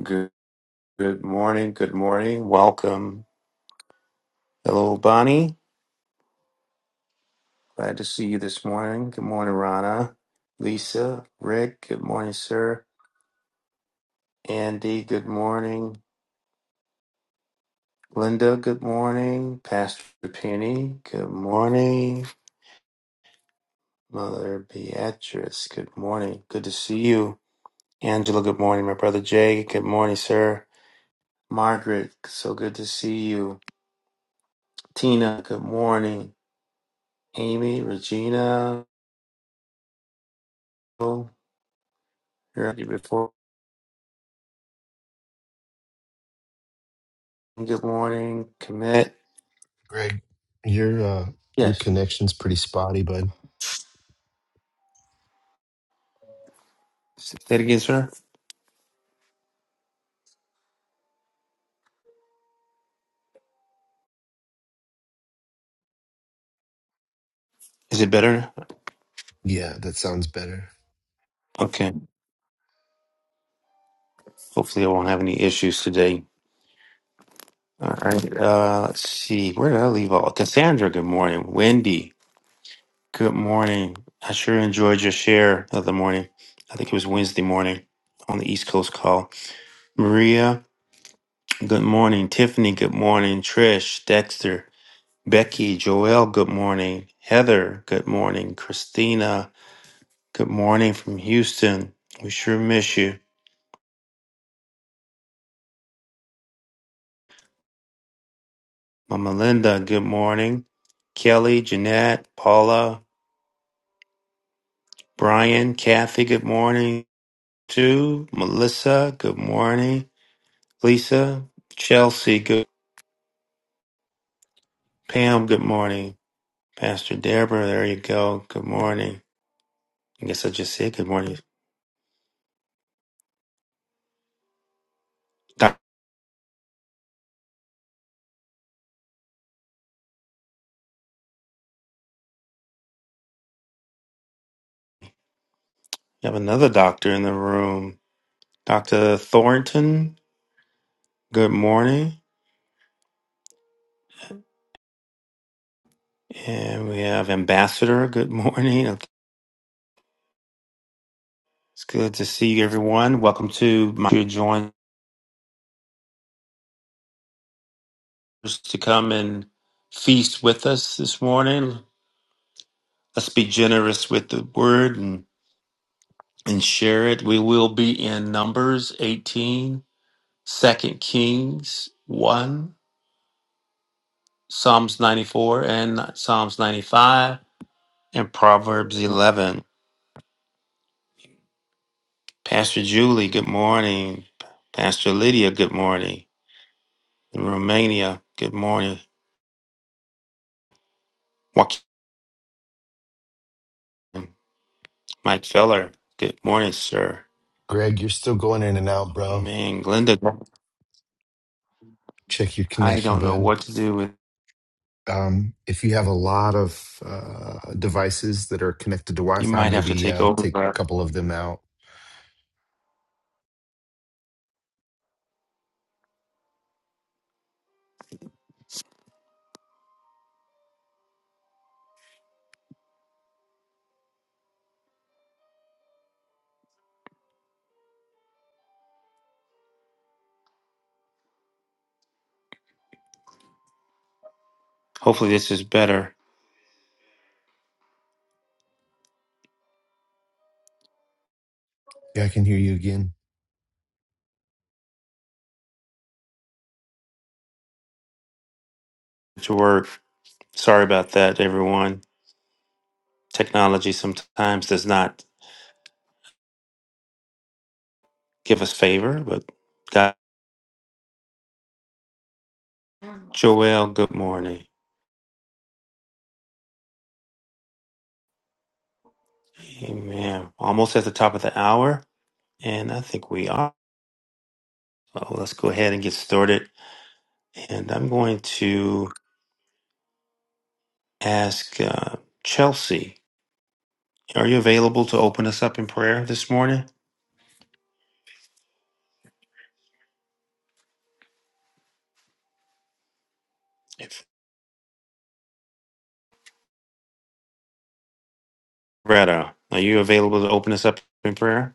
Good, good morning. Good morning. Welcome. Hello, Bonnie. Glad to see you this morning. Good morning, Rana. Lisa, Rick. Good morning, sir. Andy. Good morning. Linda. Good morning. Pastor Penny. Good morning. Mother Beatrice. Good morning. Good to see you. Angela. Good morning. My brother Jay. Good morning, sir. Margaret. So good to see you. Tina. Good morning. Amy. Regina. Heard you before. Good morning, commit. Greg, your uh, your Yes. connection's pretty spotty, bud. Say that again, sir. Is it better? Yeah, that sounds better. Okay. Hopefully, I won't have any issues today. All right. Uh, let's see. Where did I leave all? Cassandra, good morning. Wendy, good morning. I sure enjoyed your share of the morning. I think it was Wednesday morning on the East Coast call. Maria, good morning. Tiffany, good morning. Trish, Dexter, Becky, Joelle, good morning. Heather, good morning. Christina, good morning from Houston. We sure miss you. Mama Linda, good morning. Kelly, Jeanette, Paula, Brian, Kathy, good morning. Sue, Melissa, good morning. Lisa, Chelsea, good. Pam, good morning. Pastor Deborah, there you go. Good morning. I guess I just said good morning. Doc, you have another doctor in the room. Dr. Thornton, good morning. And we have Ambassador, good morning. Okay. It's good to see everyone. Welcome to my join. to come and feast with us this morning. Let's be generous with the word and, and share it. We will be in Numbers 18, two Kings 1, Psalms 94, and Psalms 95, and Proverbs 11. Pastor Julie, good morning. Pastor Lydia, good morning. In Romania, good morning. Joaquin, Mike Feller, good morning, sir. Greg, you're still going in and out, bro. Amen. Glenda, Check your I connection, don't know bud. what to do with Um, if you have a lot of uh, devices that are connected to You Wi-Fi, might have to maybe take uh, over. take but a couple of them out. Hopefully, this is better Yeah, I can hear you again. to work. Sorry about that, everyone. Technology sometimes does not give us favor, but God, Joel, good morning. Amen. Almost at the top of the hour, and I think we are. So let's go ahead and get started. And I'm going to ask uh, Chelsea, are you available to open us up in prayer this morning? If Greta, are you available to open us up in prayer?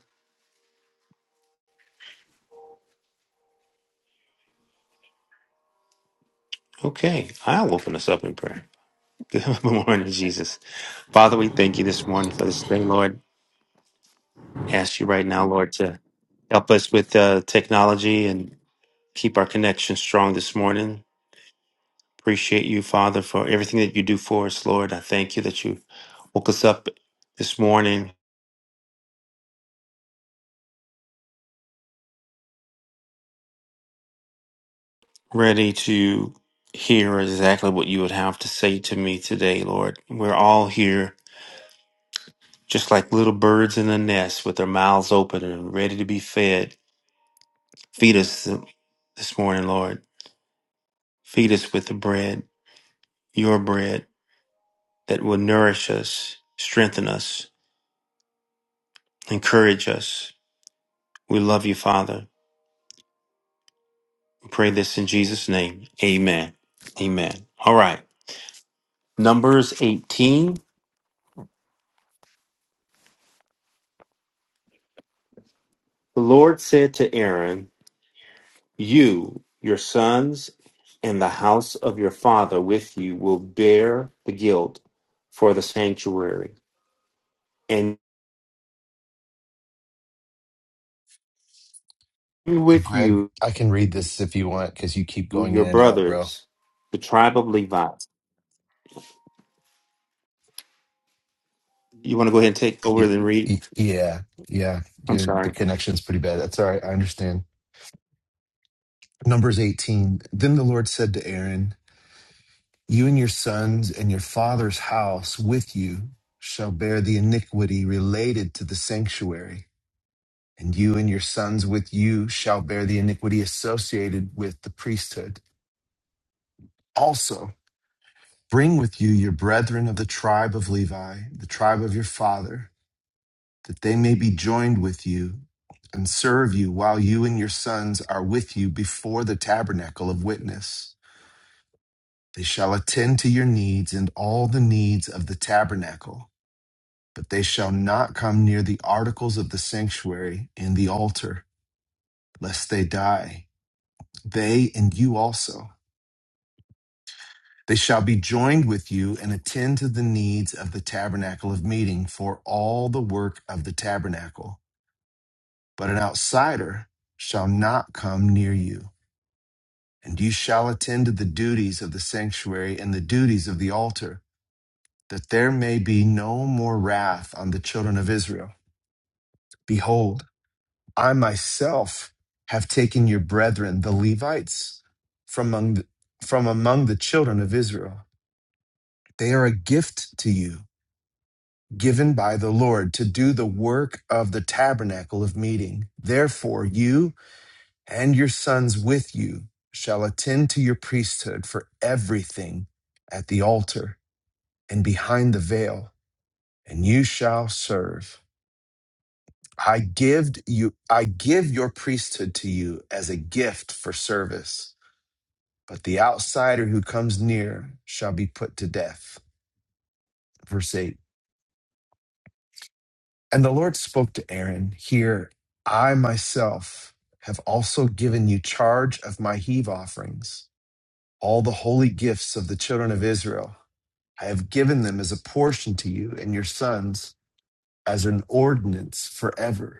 Okay, I'll open us up in prayer. Good morning, Jesus. Father, we thank you this morning for this day, Lord. Ask you right now, Lord, to help us with uh, technology and keep our connection strong this morning. Appreciate you, Father, for everything that you do for us, Lord. I thank you that you woke us up this morning ready to hear exactly what you would have to say to me today, Lord. We're all here just like little birds in a nest with their mouths open and ready to be fed. Feed us th- this morning, Lord. Feed us with the bread, your bread, that will nourish us, strengthen us, encourage us. We love you, Father. We pray this in Jesus' name. Amen. Amen. All right. Numbers 18. The Lord said to Aaron, You, your sons, and the house of your father with you will bear the guilt for the sanctuary, and Hey, with Greg, you I can read this if you want because you keep going your in and out, bro. brothers, the tribe of Levi. You want to go ahead and take over Y- and read? y- Yeah, yeah, I'm yeah. The sorry. connection's pretty bad. That's all right. I understand. Numbers 18. Then the Lord said to Aaron, You and your sons and your father's house with you shall bear the iniquity related to the sanctuary, and you and your sons with you shall bear the iniquity associated with the priesthood. Also, bring with you your brethren of the tribe of Levi, the tribe of your father. that they may be joined with you and serve you while you and your sons are with you before the tabernacle of witness. They shall attend to your needs and all the needs of the tabernacle, but they shall not come near the articles of the sanctuary and the altar, lest they die, they and you also. They shall be joined with you and attend to the needs of the tabernacle of meeting for all the work of the tabernacle. But an outsider shall not come near you And you shall attend to the duties of the sanctuary and the duties of the altar, that there may be no more wrath on the children of Israel. Behold, I myself have taken your brethren, the Levites, from among the, from among the children of Israel. They are a gift to you, given by the Lord to do the work of the tabernacle of meeting. Therefore, you and your sons with you shall attend to your priesthood for everything at the altar and behind the veil, and you shall serve. I give you I give your priesthood to you as a gift for service, but the outsider who comes near shall be put to death. Verse 8. And the Lord spoke to Aaron, Here I myself have also given you charge of my heave offerings, all the holy gifts of the children of Israel. I have given them as a portion to you and your sons as an ordinance forever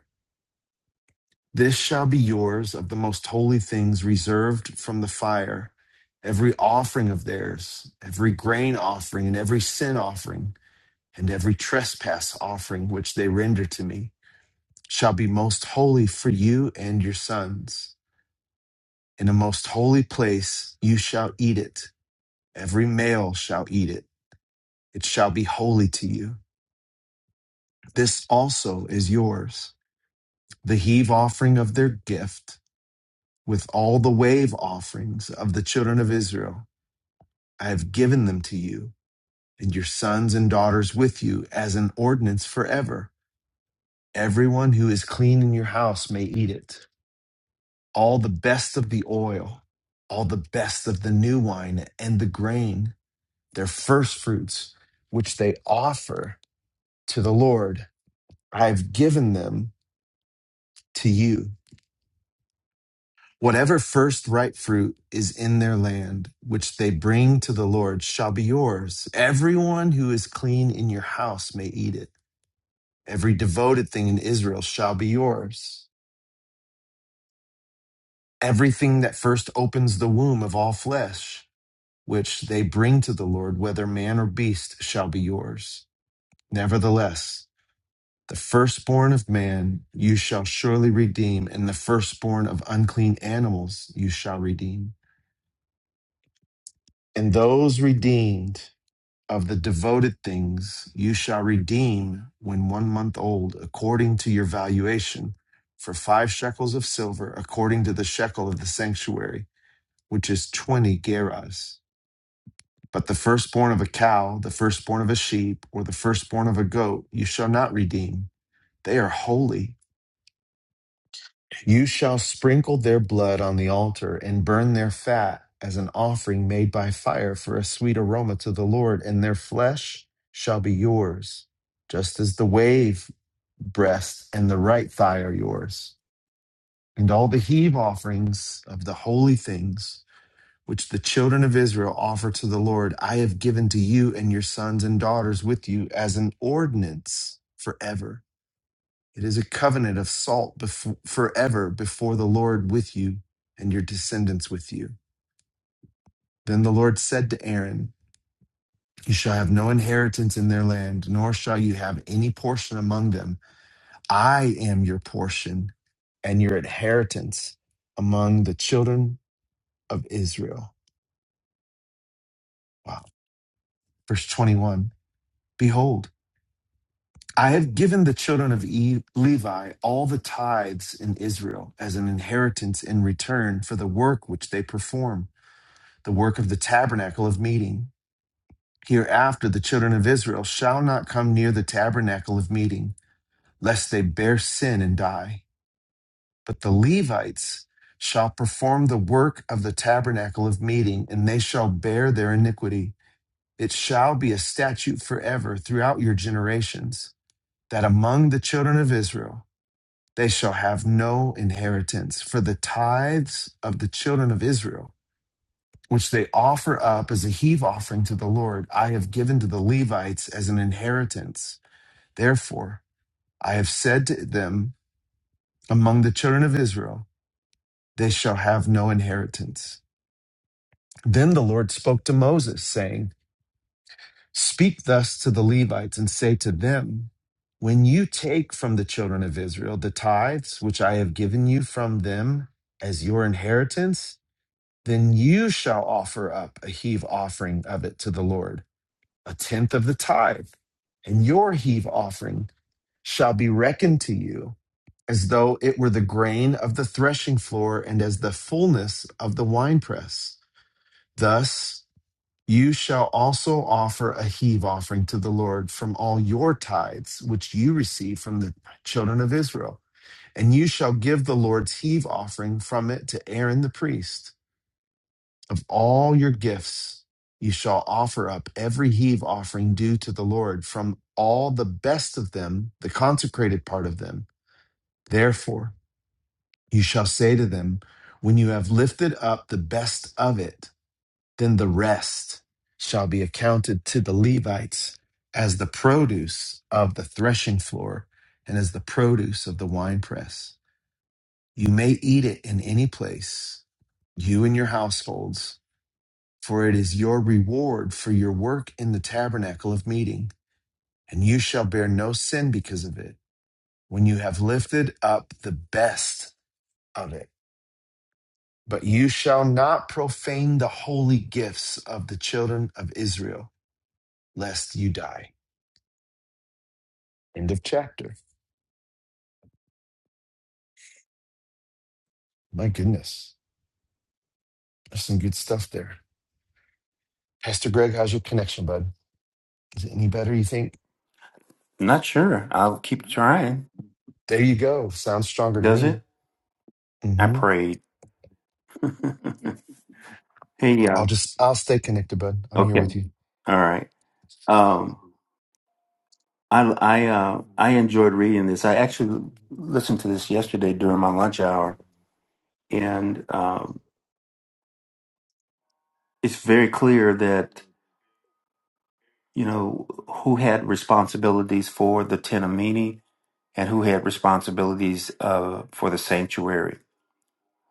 This shall be yours of the most holy things reserved from the fire, every offering of theirs, every grain offering, and every sin offering, and every trespass offering which they render to me, shall be most holy for you and your sons. In a most holy place you shall eat it. Every male shall eat it. It shall be holy to you. This also is yours. The heave offering of their gift with all the wave offerings of the children of Israel. I have given them to you and your sons and daughters with you as an ordinance forever. Everyone who is clean in your house may eat it. All the best of the oil, all the best of the new wine and the grain, their first fruits, which they offer to the Lord, I have given them to you Whatever first ripe fruit is in their land, which they bring to the Lord, shall be yours. Everyone who is clean in your house may eat it. Every devoted thing in Israel shall be yours. Everything that first opens the womb of all flesh, which they bring to the Lord, whether man or beast, shall be yours. Nevertheless, the firstborn of man you shall surely redeem, and the firstborn of unclean animals you shall redeem. And those redeemed, of the devoted things you shall redeem when one month old, according to your valuation, for five shekels of silver, according to the shekel of the sanctuary, which is 20 gerahs. But the firstborn of a cow, the firstborn of a sheep, or the firstborn of a goat, you shall not redeem. They are holy You shall sprinkle their blood on the altar and burn their fat as an offering made by fire for a sweet aroma to the Lord, and their flesh shall be yours, just as the wave breast and the right thigh are yours. And all the heave offerings of the holy things which the children of Israel offer to the Lord, I have given to you and your sons and daughters with you as an ordinance forever it is a covenant of salt befo- forever before the Lord with you and your descendants with you. Then the Lord said to Aaron, You shall have no inheritance in their land, nor shall you have any portion among them. I am your portion and your inheritance among the children of Israel. Wow. Verse 21 Behold, I have given the children of E- Levi all the tithes in Israel as an inheritance in return for the work which they perform the work of the tabernacle of meeting. Hereafter, the children of Israel shall not come near the tabernacle of meeting, lest they bear sin and die. But the Levites shall perform the work of the tabernacle of meeting, and they shall bear their iniquity. It shall be a statute forever throughout your generations, that among the children of Israel they shall have no inheritance, for the tithes of the children of Israel which they offer up as a heave offering to the Lord, I have given to the Levites as an inheritance. Therefore, I have said to them among the children of Israel, they shall have no inheritance. Then the Lord spoke to Moses, saying, Speak thus to the Levites and say to them, When you take from the children of Israel the tithes which I have given you from them as your inheritance, then you shall offer up a heave offering of it to the Lord. a tenth of the tithe, and your heave offering shall be reckoned to you as though it were the grain of the threshing floor and as the fullness of the winepress. Thus you shall also offer a heave offering to the Lord from all your tithes, which you receive from the children of Israel. And you shall give the Lord's heave offering from it to Aaron the priest of all your gifts you shall offer up every heave offering due to the Lord from all the best of them, the consecrated part of them. Therefore, you shall say to them, When you have lifted up the best of it, then the rest shall be accounted to the Levites as the produce of the threshing floor and as the produce of the winepress. You may eat it in any place, you and your households. for it is your reward for your work in the tabernacle of meeting, and you shall bear no sin because of it, when you have lifted up the best of it. But you shall not profane the holy gifts of the children of Israel, lest you die. End of chapter. My goodness, there's some good stuff there. Pastor Greg, how's your connection, bud? Is it any better, you think? Not sure. I'll keep trying. There you go. Sounds stronger to Does me. it? I hmm prayed. Hey, I'll y'all. just, I'll stay connected, bud. I'm here Okay. All Okay. with you. All right. Um, I I uh, I enjoyed reading this. I actually listened to this yesterday during my lunch hour, and um, it's very clear that you know who had responsibilities for the Ten Amini and who had responsibilities uh, for the sanctuary.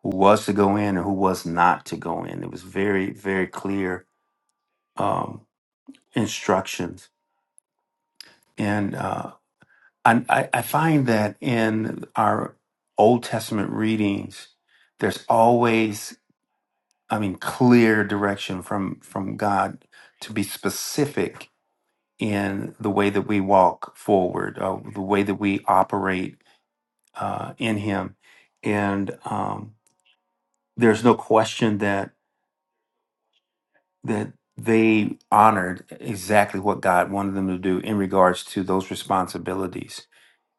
Who was to go in and who was not to go in? It was very very clear. Um, instructions. And uh, I, I I find that in our Old Testament readings, there's always, I mean, clear direction from from God to be specific in the way that we walk forward, uh, the way that we operate uh, in Him. And um, there's no question that that they honored exactly what God wanted them to do in regards to those responsibilities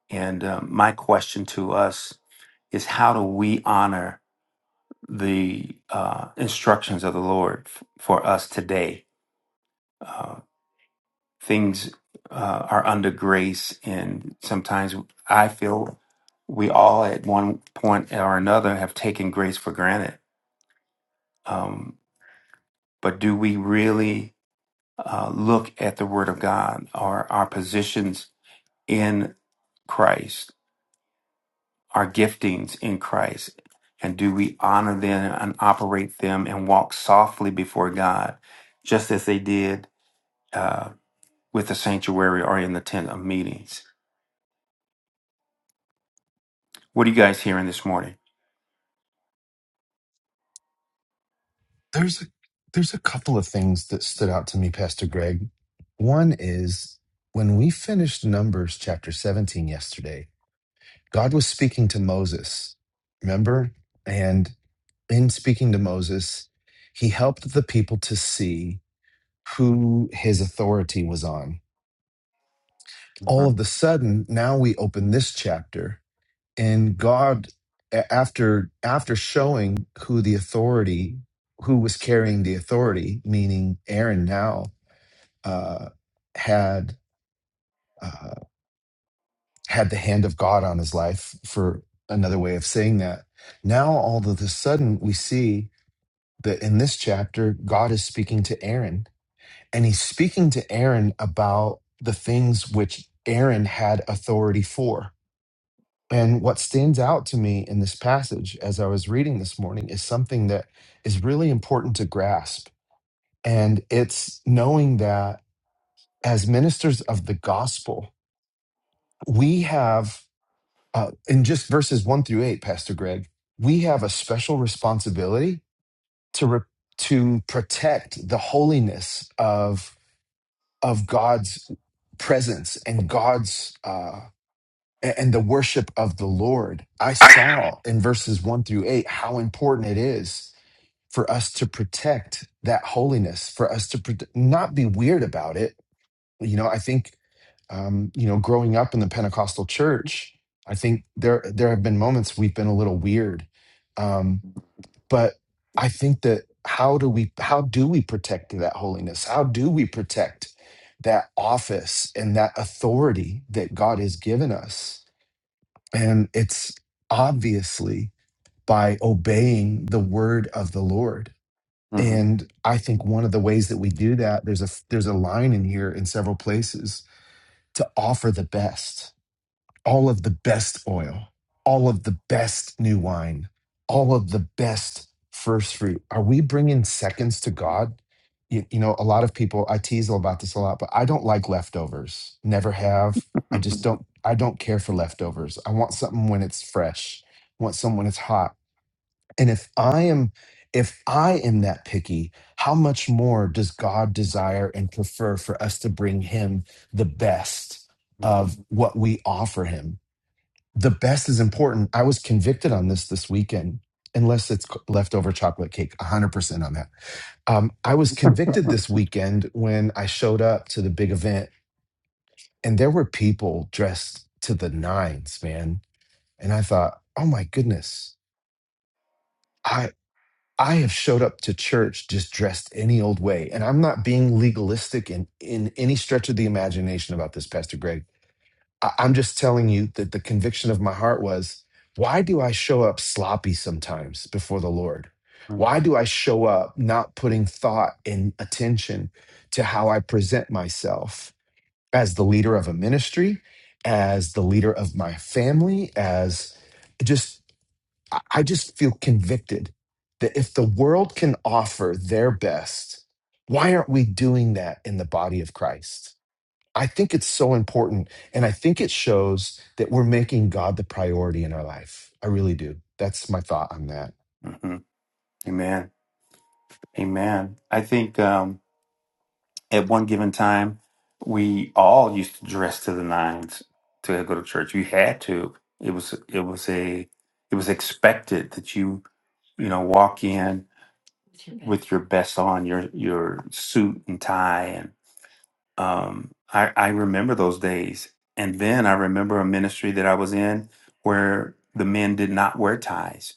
And um, my question to us is how do we honor the uh, instructions of the Lord f- for us today? Uh, things uh, are under grace, and sometimes I feel we all at one point or another have taken grace for granted. Um, but do we really uh, look at the Word of God or our positions in Christ? our giftings in Christ? And do we honor them and operate them and walk softly before God, just as they did uh, with the sanctuary or in the tent of meetings? What are you guys hearing this morning? There's a, there's a couple of things that stood out to me, Pastor Greg. One is when we finished Numbers chapter 17 yesterday, God was speaking to Moses. Remember? And in speaking to Moses, he helped the people to see who his authority was on. all Mhm. of the sudden now we open this chapter and god a- after after showing who the authority who was carrying the authority meaning aaron now uh had uh had the hand of god on his life for another way of saying that now all of a sudden we see that in this chapter god is speaking to aaron and he's speaking to aaron about the things which aaron had authority for And what stands out to me in this passage as I was reading this morning is something that is really important to grasp. And it's knowing that as ministers of the gospel, we have, uh, in just verses one through eight, Pastor Greg, we have a special responsibility to, re- to protect the holiness of, of God's presence and God's. uh, a- and the worship of the Lord. I saw in verses one through eight how important it is for us to protect that holiness, for us to prote- not be weird about it. You know, I think, um, you know, growing up in the Pentecostal church, I think there there have been moments we've been a little weird, um, but I think that how do we how do we protect that holiness? How do we protect that office and that authority that God has given us? And it's obviously by obeying the word of the Lord. Mhm. And I think one of the ways that we do that, there's a there's a line in here in several places to offer the best all of the best oil, all of the best new wine, all of the best first fruit. Are we bringing seconds to God? You, you know, a lot of people, I tease about this a lot, but I don't like leftovers. Never have. I just don't, I don't care for leftovers. I want something when it's fresh, I want something when it's hot. And if I am, if I am that picky, how much more does God desire and prefer for us to bring him the best of Mhm. what we offer him? the best is important. I was convicted on this this weekend, unless it's c- leftover chocolate cake, 100% on that. Um, I was convicted this weekend when I showed up to the big event and there were people dressed to the nines, man. And I thought, oh my goodness, I. I have showed up to church just dressed any old way. And I'm not being legalistic in, in any stretch of the imagination about this, Pastor Greg. I- I'm just telling you that the conviction of my heart was why do I show up sloppy sometimes before the Lord? Why do I show up not putting thought and attention to how I present myself as the leader of a ministry, as the leader of my family, as just, I I just feel convicted that if the world can offer their best, why aren't we doing that in the body of Christ? I think it's so important. And I think it shows that we're making God the priority in our life. I really do. That's my thought on that. Mhm. Amen. Amen. I think. um, at one given time, we all used to dress to the nines to go to church. You had to. It was it was a it was expected that you you know walk in with your best on, your your suit and tie, and um, I I remember those days. And then I remember a ministry that I was in where the men did not wear ties.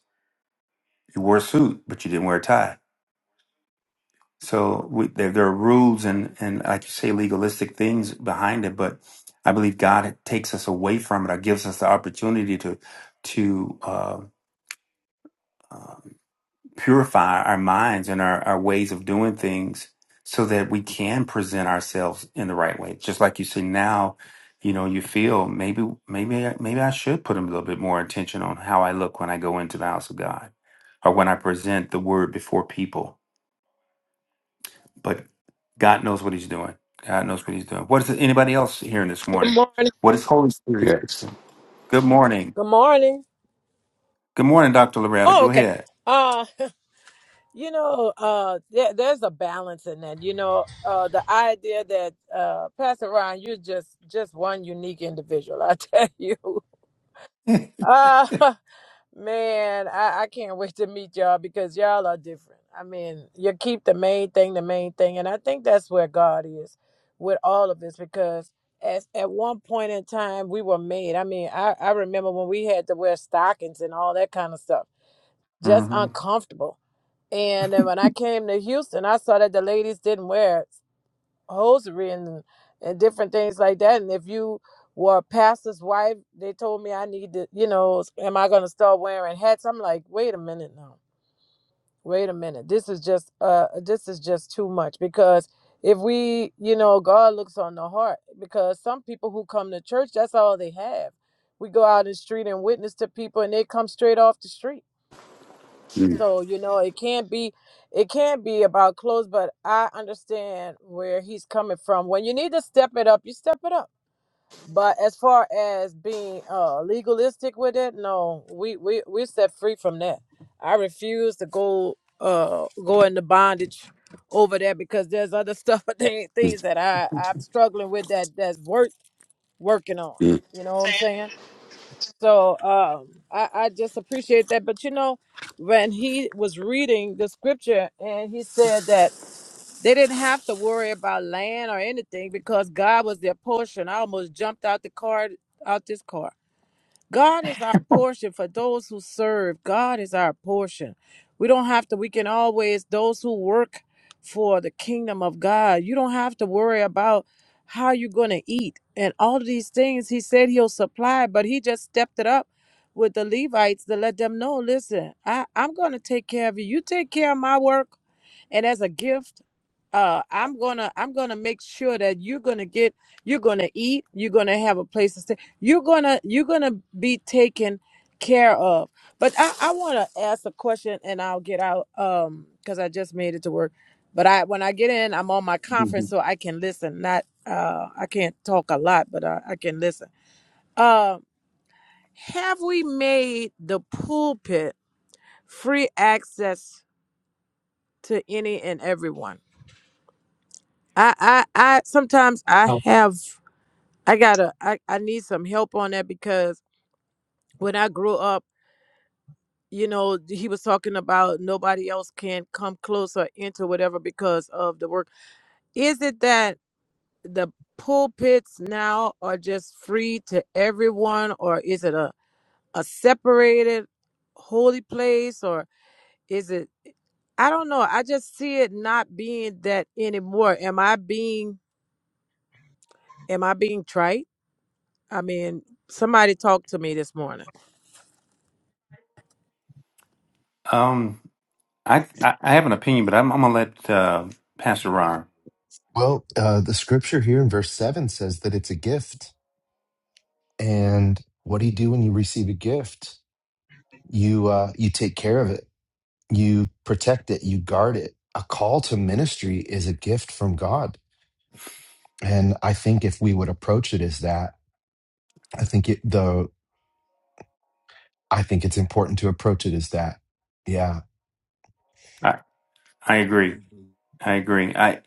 You wore a suit, but you didn't wear a tie So we, there, there are rules and, and like you say, legalistic things behind it, but I believe God takes us away from it or gives us the opportunity to, to, uh, uh, purify our minds and our, our ways of doing things so that we can present ourselves in the right way. Just like you say now, you know, you feel maybe, maybe, I- maybe I should put a little bit more attention on how I look when I go into the house of God or when I present the word before people but God knows what He's doing. God knows what He's doing. What is anybody else hearing this Good morning? morning. What is Holy Spirit? Yes. Good morning. Good morning. Good morning, Doctor Loretta. Oh, Go okay. ahead. Uh, you know, uh, there, there's a balance in that. You know, uh, the idea that uh, Pastor Ron, you're just just one unique individual. I tell you, uh, man, I, I can't wait to meet y'all because y'all are different. I mean, you keep the main thing the main thing, and I think that's where God is with all of us because. As, at one point in time, we were made. I mean, I, I remember when we had to wear stockings and all that kind of stuff just hmm uncomfortable. And then when I came to Houston, I saw that the ladies didn't wear hosiery and, and different things like that. And if you were a pastor's wife, they told me I need to, you know, am I going to start wearing hats? I'm like, wait a minute now. Wait a minute. This is just uh this is just too much because if we, you know, God looks on the heart because some people who come to church, that's all they have. We go out in the street and witness to people and they come straight off the street Mm, so, you know, it can't be it can't be about clothes, but I understand where he's coming from. When you need to step it up, you step it up. But as far as being uh legalistic with it, no, we we we set free from that. I refuse to go uh go into bondage over there because there's other stuff things mm, things that I I'm struggling with that that's worth working on. mm. You know what I'm saying? So um, I, I just appreciate that. But you know, when he was reading the scripture and he said that they didn't have to worry about land or anything because God was their portion. I almost jumped out the car, out this car God is our portion for those who serve. God is our portion. We don't have to, we can always, those who work for the kingdom of God, you don't have to worry about how you're going to eat and all of these things. He said he'll supply, but he just stepped it up with the Levites to let them know listen, I, I'm going to take care of you. You take care of my work and as a gift uh i'm gonna i'm gonna make sure that you're gonna get you're gonna eat you're gonna have a place to stay you're gonna you're gonna be taken care of but i i want to ask a question and i'll get out um because i just made it to work but i when i get in i'm on my conference so i can listen not uh i can't talk a lot but i, I can listen um have we made the pulpit free access to any and everyone I, I, I sometimes I have I gotta I, I need some help on that because when I grew up, you know, he was talking about nobody else can come close or enter whatever because of the work. Is it that the pulpits now are just free to everyone or is it a, a separated holy place or is it I don't know. I just see it not being that anymore. Am I being am I being trite? I mean, somebody talked to me this morning. Um, I, I I have an opinion, but I'm I'm gonna let uh, Pastor Ron. Well, uh, the scripture here in verse 7 says that it's a gift. And what do you do when you receive a gift? You, uh, you take care of it, you protect it, you guard it. A call to ministry is a gift from God. And I think if we would approach it as that, I think it, the, I think it's important to approach it as that. Yeah. I I agree. I agree. I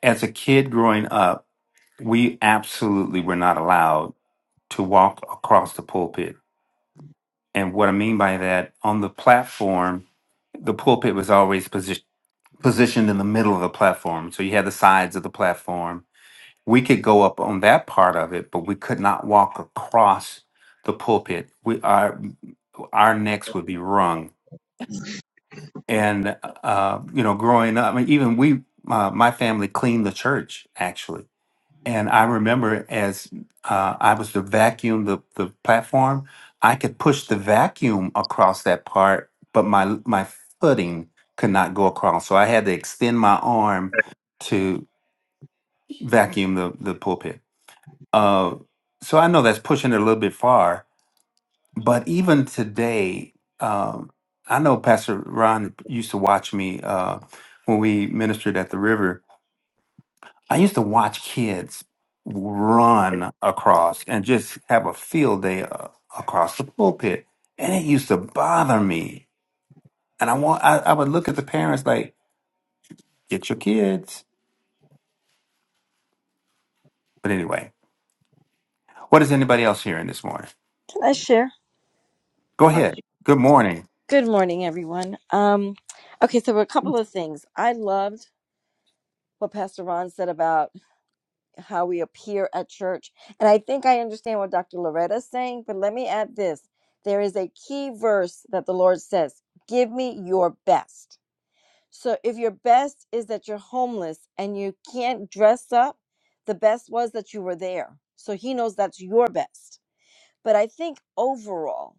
as a kid growing up, we absolutely were not allowed to walk across the pulpit. And what I mean by that, on the platform, the pulpit was always positioned. positioned in the middle of the platform. So you had the sides of the platform. We could go up on that part of it, but we could not walk across the pulpit. We our our necks would be wrung. And uh, you know, growing up, I mean, even we, uh, my family cleaned the church actually and I remember as uh, I was to vacuum the, the platform, I could push the vacuum across that part, but my my footing could not go across. So I had to extend my arm to vacuum the, the pulpit. Uh, so I know that's pushing it a little bit far, but even today, um, I know Pastor Ron used to watch me uh, when we ministered at the river I used to watch kids run across and just have a field day uh, across the pulpit, and it used to bother me. And I want I, I would look at the parents like, "Get your kids." But anyway, what is anybody else hearing this morning? I share. Go ahead. Good morning. Good morning, everyone. Um, okay, so a couple of things. I loved what Pastor Ron said about how we appear at church, and I think I understand what Dr. Loretta is saying. But let me add this: there is a key verse that the Lord says, "Give me your best." So if your best is that you're homeless and you can't dress up, the best was that you were there. So He knows that's your best. But I think overall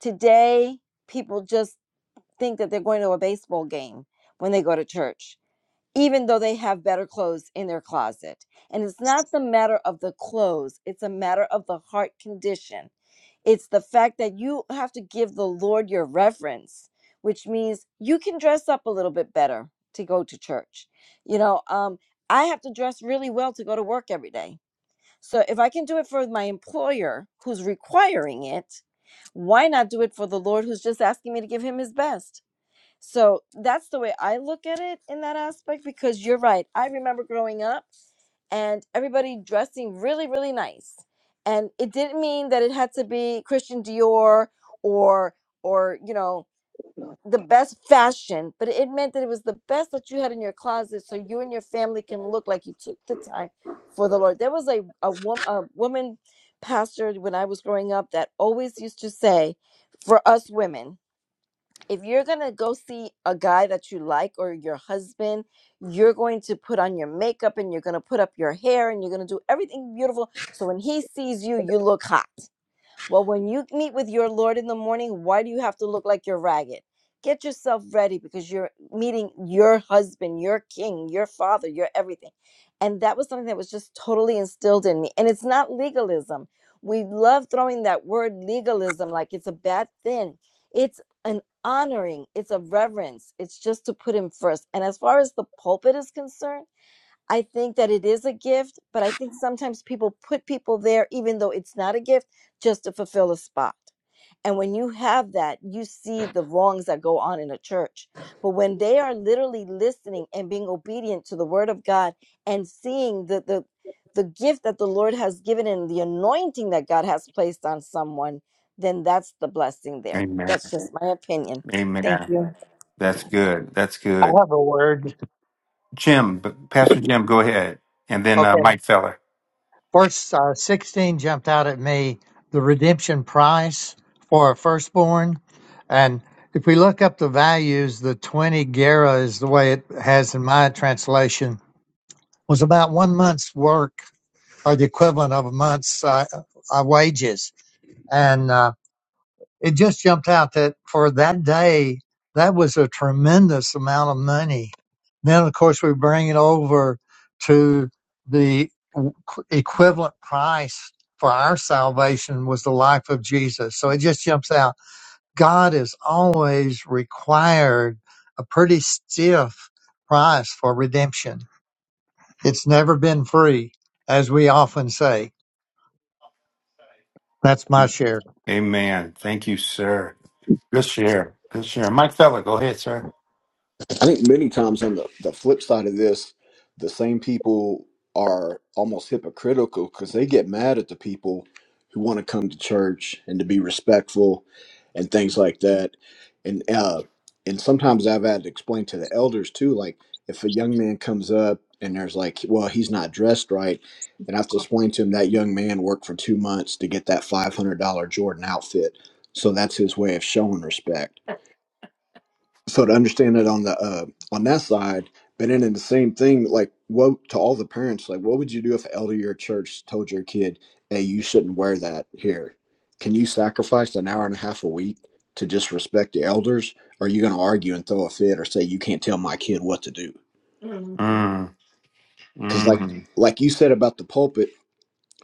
today people just think that they're going to a baseball game when they go to church, even though they have better clothes in their closet. And it's not the matter of the clothes, it's a matter of the heart condition. It's the fact that you have to give the Lord your reverence, which means you can dress up a little bit better to go to church. You know, um, I have to dress really well to go to work every day. So if I can do it for my employer who's requiring it, why not do it for the Lord who's just asking me to give him his best? So that's the way I look at it in that aspect because you're right. I remember growing up and everybody dressing really, really nice. And it didn't mean that it had to be Christian Dior or or you know the best fashion, but it meant that it was the best that you had in your closet, so you and your family can look like you took the time for the Lord. There was a a, wom- a woman pastor when I was growing up that always used to say, for us women, if you're gonna go see a guy that you like or your husband, you're going to put on your makeup and you're gonna put up your hair and you're gonna do everything beautiful. So when he sees you, you look hot. Well, when you meet with your Lord in the morning, why do you have to look like you're ragged? Get yourself ready because you're meeting your husband, your king, your father, your everything. And that was something that was just totally instilled in me. And it's not legalism. We love throwing that word legalism like it's a bad thing. It's an honoring, it's a reverence. It's just to put him first. And as far as the pulpit is concerned, I think that it is a gift, but I think sometimes people put people there, even though it's not a gift, just to fulfill a spot. And when you have that, you see the wrongs that go on in a church. But when they are literally listening and being obedient to the word of God and seeing the, the, the gift that the Lord has given and the anointing that God has placed on someone, then that's the blessing there. Amen. That's just my opinion. Thank you. Amen. That's good. That's I good. have a word. Jim, Pastor Jim, go ahead, and then uh, Okay, Mike Feller. verse uh, 16 jumped out at me the redemption price for a firstborn. And if we look up the values, the 20 gera is the way it has in my translation, was about one month's work or the equivalent of a month's uh, uh, wages. And uh, it just jumped out that for that day, that was a tremendous amount of money. Then, of course, we bring it over to the w- equivalent price for our salvation was the life of Jesus. So it just jumps out. God has always required a pretty stiff price for redemption. It's never been free, as we often say. That's my share. Amen. Thank you, sir. Good share. Good share. Mike Feller, go ahead, sir. I think many times on the, the flip side of this, the same people are almost hypocritical because they get mad at the people who want to come to church and to be respectful and things like that. And uh, and sometimes I've had to explain to the elders too, like if a young man comes up and there's like, well, he's not dressed right, and I have to explain to him that young man worked for two months to get that five hundred dollar Jordan outfit, so that's his way of showing respect so to understand it on the uh, on that side, but then in the same thing, like what to all the parents, like what would you do if an elder of your church told your kid, "Hey, you shouldn't wear that here"? Can you sacrifice an hour and a half a week to just respect the elders? Or are you going to argue and throw a fit or say you can't tell my kid what to do? Mm, Because like mm. like you said about the pulpit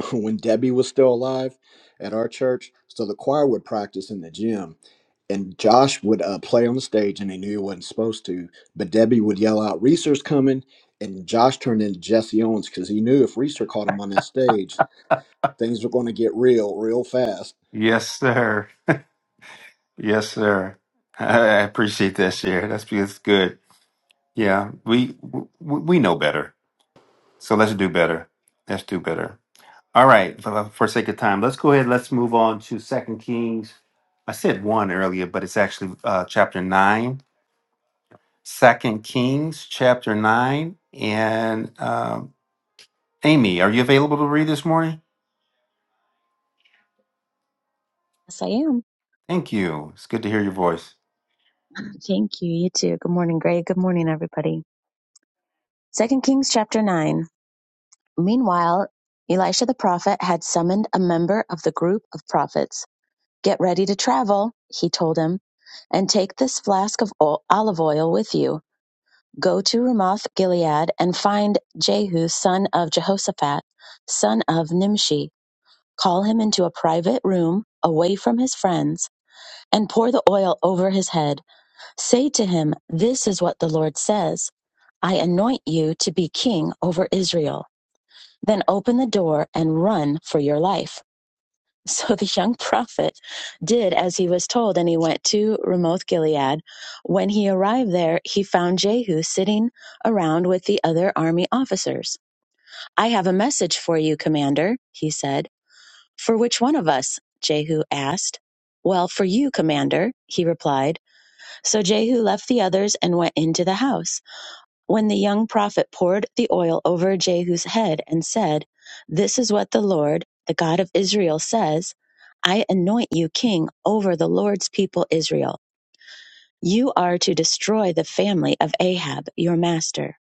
when Debbie was still alive at our church. So the choir would practice in the gym, and Josh would uh, play on the stage, and he knew he wasn't supposed to. But Debbie would yell out, "Reese's coming!" And Josh turned into Jesse Owens because he knew if Reeser caught him on that stage, things were going to get real, real fast. Yes, sir. Yes, sir. I appreciate that share. That's that's good. Yeah, we w- we know better, so let's do better. Let's do better. All right, for, for sake of time, let's go ahead. Let's move on to Second Kings. I said one earlier, but it's actually uh, chapter nine. Second Kings, chapter nine. And um, Amy, are you available to read this morning? Yes, I am. Thank you. It's good to hear your voice. Thank you. You too. Good morning, Greg. Good morning, everybody. Second Kings chapter nine. Meanwhile, Elisha the prophet had summoned a member of the group of prophets. Get ready to travel, he told him, and take this flask of ol- olive oil with you. Go to Ramoth Gilead and find Jehu, son of Jehoshaphat, son of Nimshi. Call him into a private room away from his friends and pour the oil over his head. Say to him, This is what the Lord says. I anoint you to be king over Israel. Then open the door and run for your life. So the young prophet did as he was told, and he went to Ramoth Gilead. When he arrived there, he found Jehu sitting around with the other army officers. I have a message for you, commander, he said. For which one of us? Jehu asked. Well, for you, commander, he replied. So Jehu left the others and went into the house. When the young prophet poured the oil over Jehu's head and said, This is what the Lord, the God of Israel, says I anoint you king over the Lord's people Israel. You are to destroy the family of Ahab, your master.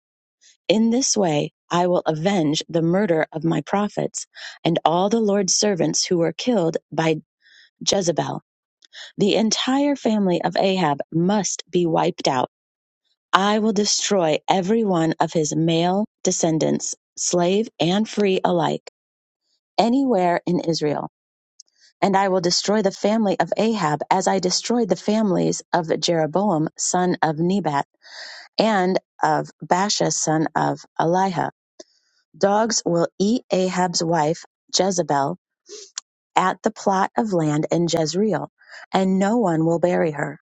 In this way, I will avenge the murder of my prophets and all the Lord's servants who were killed by Jezebel. The entire family of Ahab must be wiped out. I will destroy every one of his male descendants, slave and free alike, anywhere in Israel. And I will destroy the family of Ahab as I destroyed the families of Jeroboam, son of Nebat, and of Baasha, son of Eliha. Dogs will eat Ahab's wife, Jezebel, at the plot of land in Jezreel, and no one will bury her.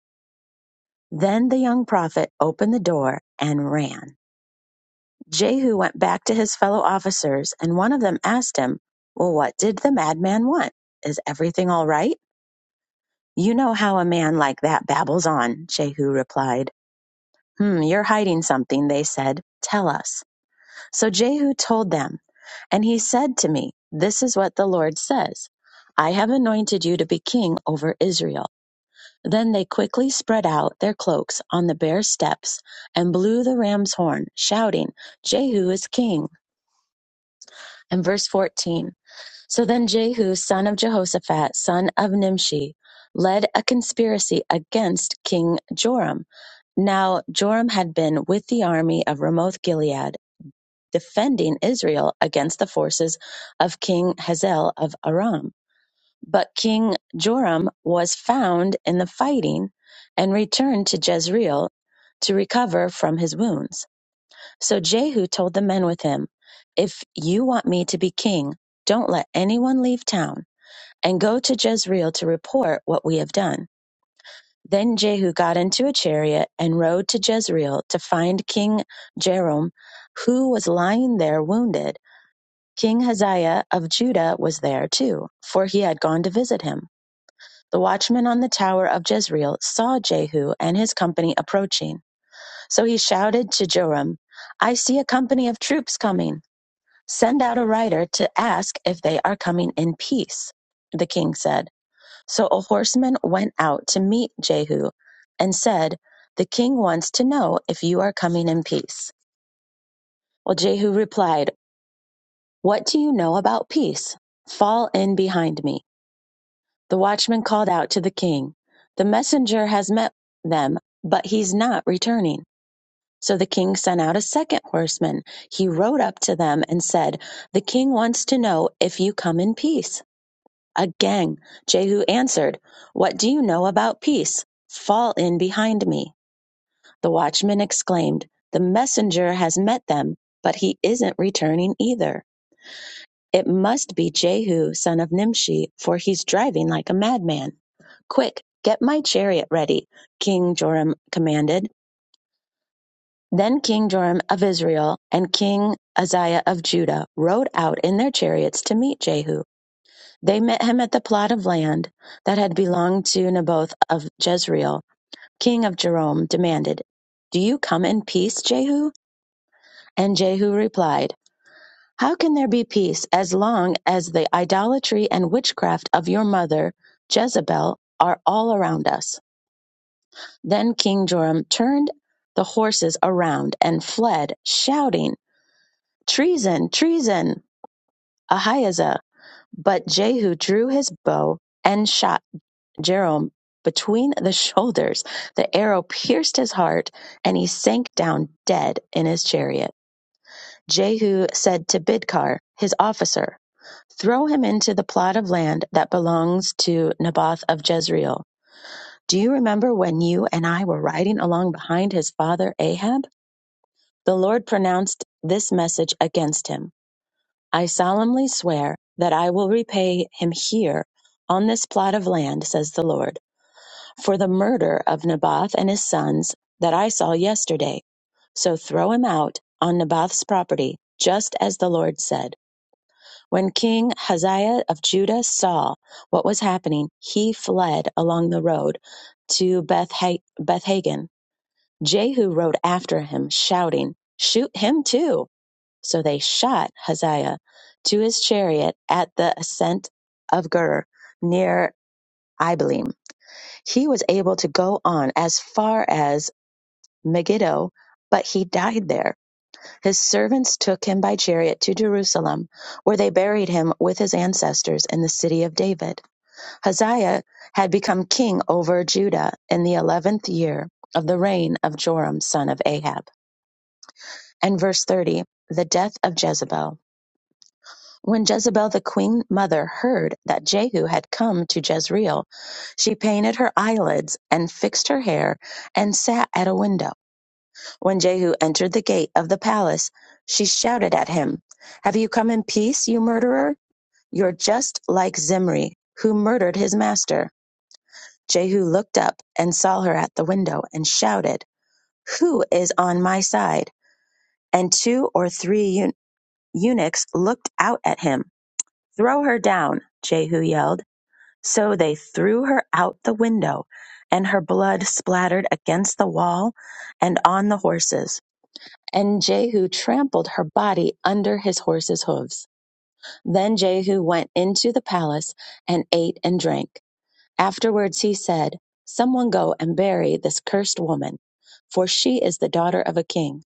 Then the young prophet opened the door and ran. Jehu went back to his fellow officers, and one of them asked him, Well, what did the madman want? Is everything all right? You know how a man like that babbles on, Jehu replied. Hmm, you're hiding something, they said. Tell us. So Jehu told them, and he said to me, This is what the Lord says I have anointed you to be king over Israel. Then they quickly spread out their cloaks on the bare steps and blew the ram's horn, shouting, Jehu is king. And verse 14. So then Jehu, son of Jehoshaphat, son of Nimshi, led a conspiracy against King Joram. Now Joram had been with the army of Ramoth Gilead, defending Israel against the forces of King Hazael of Aram. But King Joram was found in the fighting and returned to Jezreel to recover from his wounds. So Jehu told the men with him, If you want me to be king, don't let anyone leave town and go to Jezreel to report what we have done. Then Jehu got into a chariot and rode to Jezreel to find King Jerom, who was lying there wounded. King Hazael of Judah was there too, for he had gone to visit him. The watchman on the tower of Jezreel saw Jehu and his company approaching. So he shouted to Joram, I see a company of troops coming. Send out a rider to ask if they are coming in peace. The king said, So a horseman went out to meet Jehu and said, The king wants to know if you are coming in peace. Well, Jehu replied, What do you know about peace? Fall in behind me. The watchman called out to the king, The messenger has met them, but he's not returning. So the king sent out a second horseman. He rode up to them and said, The king wants to know if you come in peace. Again Jehu answered, What do you know about peace? Fall in behind me. The watchman exclaimed, The messenger has met them, but he isn't returning either. It must be Jehu, son of Nimshi, for he's driving like a madman. Quick, get my chariot ready, King Joram commanded. Then King Joram of Israel and King Uzziah of Judah rode out in their chariots to meet Jehu. They met him at the plot of land that had belonged to Naboth of Jezreel, king of Jerome, demanded, Do you come in peace, Jehu? And Jehu replied, How can there be peace as long as the idolatry and witchcraft of your mother, Jezebel, are all around us? Then King Joram turned the horses around and fled, shouting, Treason, treason, Ahijah. But Jehu drew his bow and shot. Jerome between the shoulders. The arrow pierced his heart, and he sank down dead in his chariot. Jehu said to Bidkar, his officer, Throw him into the plot of land that belongs to Naboth of Jezreel. Do you remember when you and I were riding along behind his father Ahab? The Lord pronounced this message against him I solemnly swear that I will repay him here on this plot of land, says the Lord. for the murder of Naboth and his sons that I saw yesterday. So throw him out on Naboth's property, just as the Lord said. When King Hazael of Judah saw what was happening, he fled along the road to Beth Hagen. Jehu rode after him, shouting, Shoot him too! So they shot Hazael to his chariot at the ascent of Gur near Ibalim. He was able to go on as far as Megiddo, but he died there. His servants took him by chariot to Jerusalem, where they buried him with his ancestors in the city of David. Hazael had become king over Judah in the eleventh year of the reign of Joram, son of Ahab. And verse 30, the death of Jezebel. When Jezebel the queen mother heard that Jehu had come to Jezreel, she painted her eyelids and fixed her hair and sat at a window. When Jehu entered the gate of the palace, she shouted at him, Have you come in peace, you murderer? You're just like Zimri, who murdered his master. Jehu looked up and saw her at the window and shouted, Who is on my side? And two or three eu- eunuchs looked out at him. Throw her down, Jehu yelled. So they threw her out the window, and her blood splattered against the wall and on the horses. And Jehu trampled her body under his horses' hooves. Then Jehu went into the palace and ate and drank. Afterwards he said, Someone go and bury this cursed woman, for she is the daughter of a king.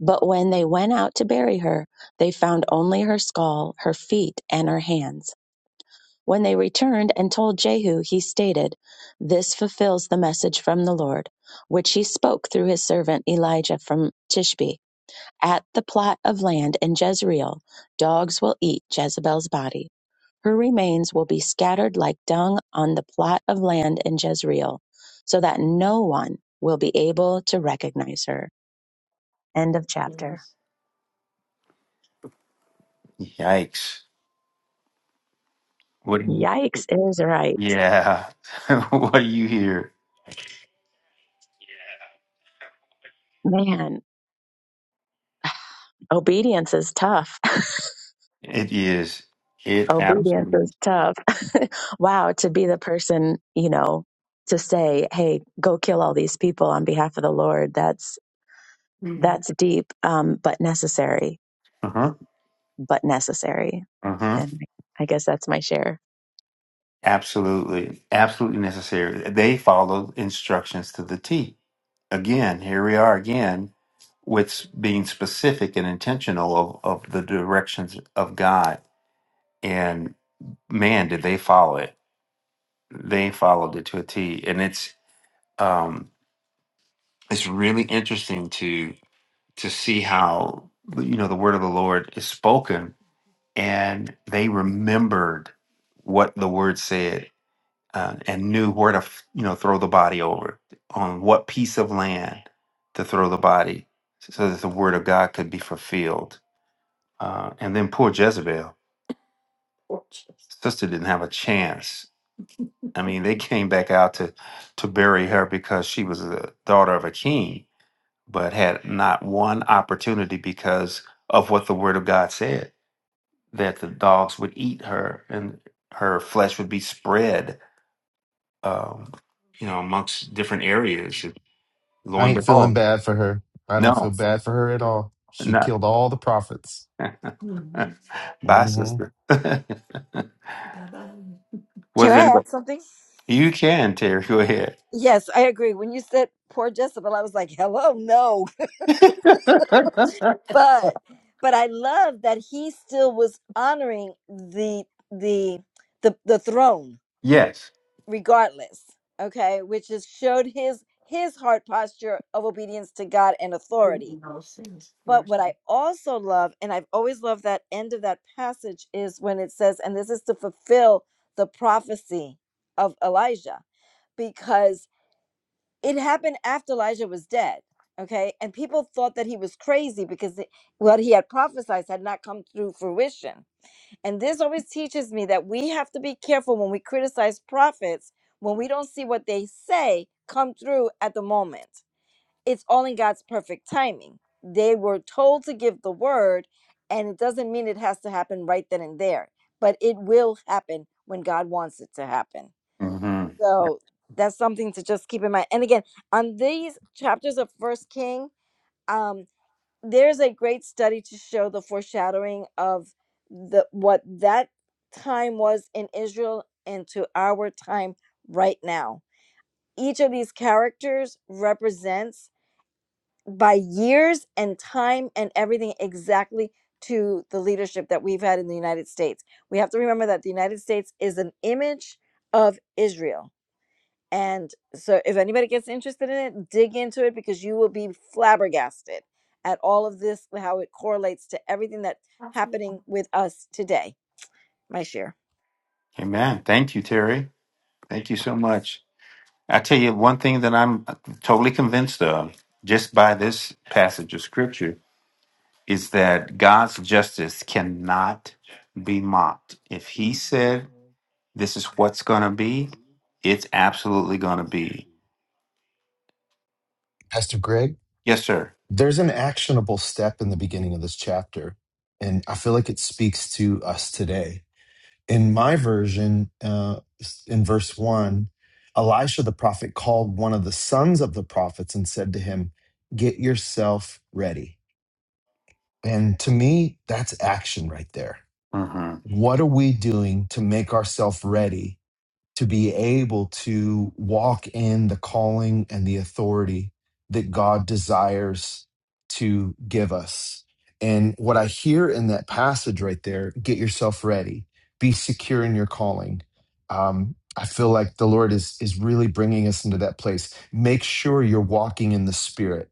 But when they went out to bury her, they found only her skull, her feet, and her hands. When they returned and told Jehu, he stated, This fulfills the message from the Lord, which he spoke through his servant Elijah from Tishbe. At the plot of land in Jezreel, dogs will eat Jezebel's body. Her remains will be scattered like dung on the plot of land in Jezreel, so that no one will be able to recognize her. End of chapter. Yikes! What? Yikes is right. Yeah. what do you hear? Man, obedience is tough. It is. It obedience absolutely. is tough. wow, to be the person, you know, to say, "Hey, go kill all these people on behalf of the Lord." That's that's deep, um, but necessary, Uh huh. but necessary. Uh huh. And I guess that's my share. Absolutely. Absolutely necessary. They follow instructions to the T. Again, here we are again with s- being specific and intentional of, of the directions of God. And man, did they follow it. They followed it to a T. And it's um it's really interesting to to see how you know the word of the Lord is spoken and they remembered what the word said uh, and knew where to f- you know throw the body over on what piece of land to throw the body so that the word of god could be fulfilled uh, and then poor jezebel sister didn't have a chance i mean they came back out to to bury her because she was the daughter of a king but had not one opportunity because of what the word of god said that the dogs would eat her and her flesh would be spread um you know amongst different areas And lo I and ain't feeling behold bad for her. I don't no feel bad for her at all. She not killed all the prophets. bye hmm sister Can was it I add something? you can terry go ahead Yes, I agree. When you said poor Jezebel, I was like, hello, no. but but I love that he still was honoring the the the the throne yes regardless. Okay, which is showed his his heart posture of obedience to God and authority. But what I also love, and I've always loved that end of that passage, is when it says, and this is to fulfill the prophecy of Elijah, because it happened after Elijah was dead. Okay. And people thought that he was crazy because it- what he had prophesied had not come through fruition. And this always teaches me that we have to be careful when we criticize prophets, when we don't see what they say come through at the moment. It's all in God's perfect timing. They were told to give the word, and it doesn't mean it has to happen right then and there, but it will happen when God wants it to happen. hmm So that's something to just keep in mind. And again, on these chapters of First King, um, there's a great study to show the foreshadowing of the what that time was in Israel and to our time right now. Each of these characters represents by years and time and everything exactly to the leadership that we've had in the United States. We have to remember that the United States is an image of Israel and so, if anybody gets interested in it, dig into it because you will be flabbergasted at all of this, how it correlates to everything that's happening with us today. My share. amen thank you terry thank you so much i tell you one thing that i'm totally convinced of just by this passage of scripture is that God's justice cannot be mocked. If He said this is what's going to be, it's absolutely going to be. Pastor Greg, Yes, sir. there's an actionable step in the beginning of this chapter, and I feel like it speaks to us today. In my version, uh, in verse one, Elisha the prophet called one of the sons of the prophets and said to him, Get yourself ready. And to me, that's action right there. Mm-hmm. What are we doing to make ourselves ready to be able to walk in the calling and the authority that God desires to give us. And what I hear in that passage right there get yourself ready, be secure in your calling. Um, I feel like the Lord is, is really bringing us into that place. Make sure you're walking in the Spirit.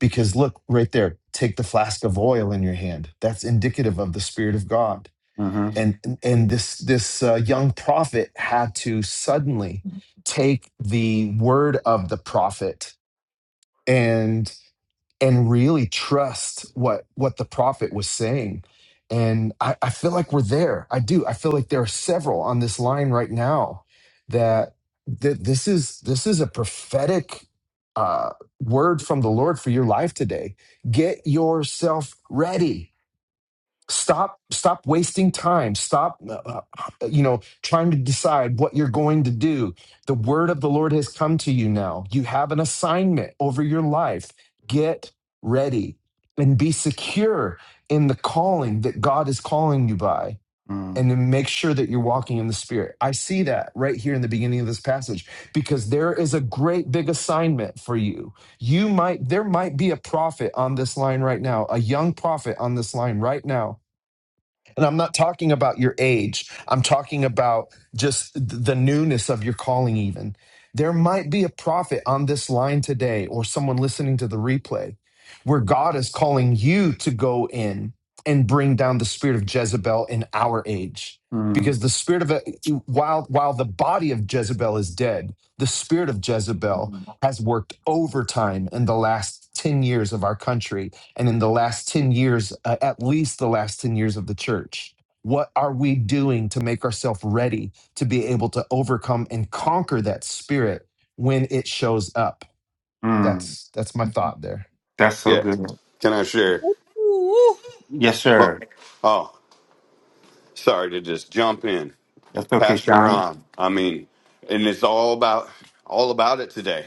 Because look right there, take the flask of oil in your hand. That's indicative of the Spirit of God Mm-hmm. and and this this uh, young prophet had to suddenly take the word of the prophet and and really trust what what the prophet was saying and I, I feel like we're there i do i feel like there are several on this line right now that that this is this is a prophetic uh, word from the lord for your life today get yourself ready stop stop wasting time stop uh, uh, you know trying to decide what you're going to do the word of the lord has come to you now you have an assignment over your life get ready and be secure in the calling that god is calling you by Mm, and then make sure that you're walking in the spirit i see that right here in the beginning of this passage because there is a great big assignment for you you might there might be a prophet on this line right now a young prophet on this line right now and I'm not talking about your age. I'm talking about just th- the newness of your calling, even. There might be a prophet on this line today or someone listening to the replay where God is calling you to go in and bring down the spirit of Jezebel in our age. mm, Because the spirit of, while, while the body of Jezebel is dead, the spirit of Jezebel has worked overtime in the last 10 years of our country and in the last 10 years, uh, at least the last 10 years of the church. What are we doing to make ourselves ready to be able to overcome and conquer that spirit when it shows up? mm. That's that's my thought there. That's so Yes. good. Can I share? Yes, sir. Look, oh, sorry to just jump in, That's okay, Pastor Sean. Ron. I mean, and it's all about all about it today.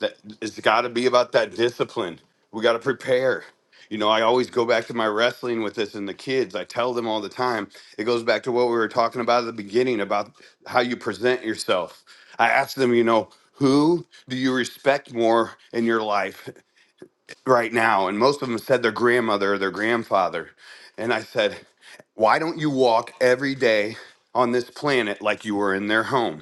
That it's got to be about that discipline. We got to prepare. You know, I always go back to my wrestling with this and the kids. I tell them all the time. It goes back to what we were talking about at the beginning about how you present yourself. I ask them, you know, who do you respect more in your life right now and most of them said their grandmother or their grandfather and i said why don't you walk every day on this planet like you were in their home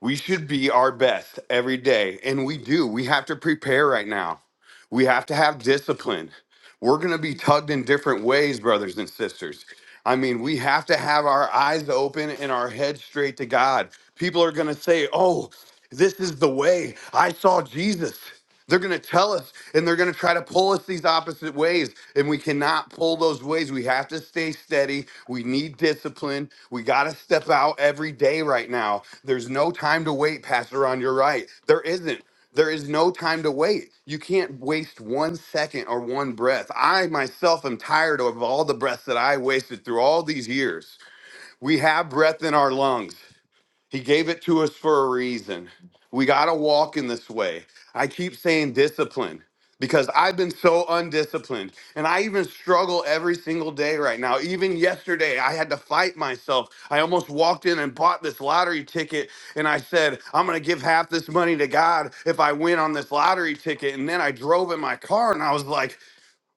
we should be our best every day and we do we have to prepare right now we have to have discipline we're going to be tugged in different ways, brothers and sisters. I mean, we have to have our eyes open and our head straight to God. People are going to say, Oh, this is the way. I saw Jesus. They're going to tell us and they're going to try to pull us these opposite ways. And we cannot pull those ways. We have to stay steady. We need discipline. We got to step out every day right now. There's no time to wait, Pastor, on your right. There isn't. There is no time to wait. You can't waste one second or one breath. I myself am tired of all the breaths that I wasted through all these years. We have breath in our lungs. He gave it to us for a reason. We got to walk in this way. I keep saying discipline because I've been so undisciplined and I even struggle every single day right now. Even yesterday, I had to fight myself. I almost walked in and bought this lottery ticket and I said, I'm going to give half this money to God if I win on this lottery ticket. And then I drove in my car and I was like,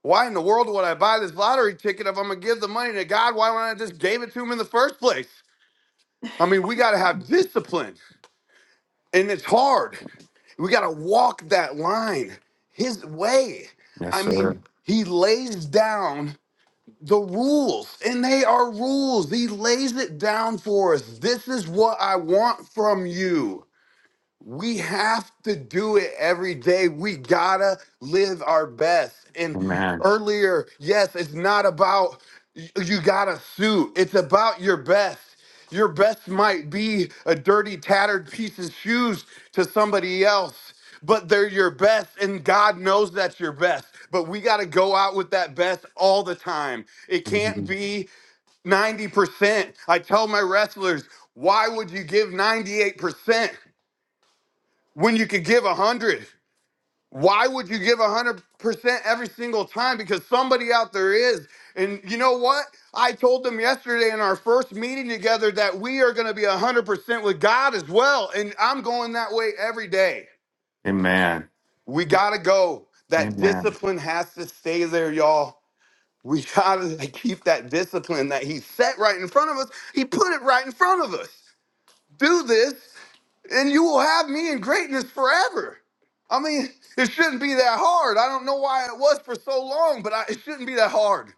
why in the world would I buy this lottery ticket if I'm going to give the money to God? Why wouldn't I just gave it to him in the first place? I mean, we got to have discipline and it's hard. We got to walk that line his way. Yes, I sir. mean, he lays down the rules, and they are rules. He lays it down for us. This is what I want from you. We have to do it every day. We gotta live our best. And Amen. earlier, yes, it's not about y- you gotta suit, it's about your best. Your best might be a dirty, tattered piece of shoes to somebody else, but they're your best, and God knows that's your best. But we gotta go out with that best all the time. It can't Mhm. be 90%. I tell my wrestlers, why would you give 98%? when you could give a hundred why would you give a hundred percent every single time because somebody out there is and you know what i told them yesterday in our first meeting together that we are going to be a hundred percent with god as well and i'm going that way every day Amen. we gotta go that Amen. discipline has to stay there y'all we gotta keep that discipline that he set right in front of us he put it right in front of us do this and you will have me in greatness forever. I mean, it shouldn't be that hard. I don't know why it was for so long, but I, it shouldn't be that hard.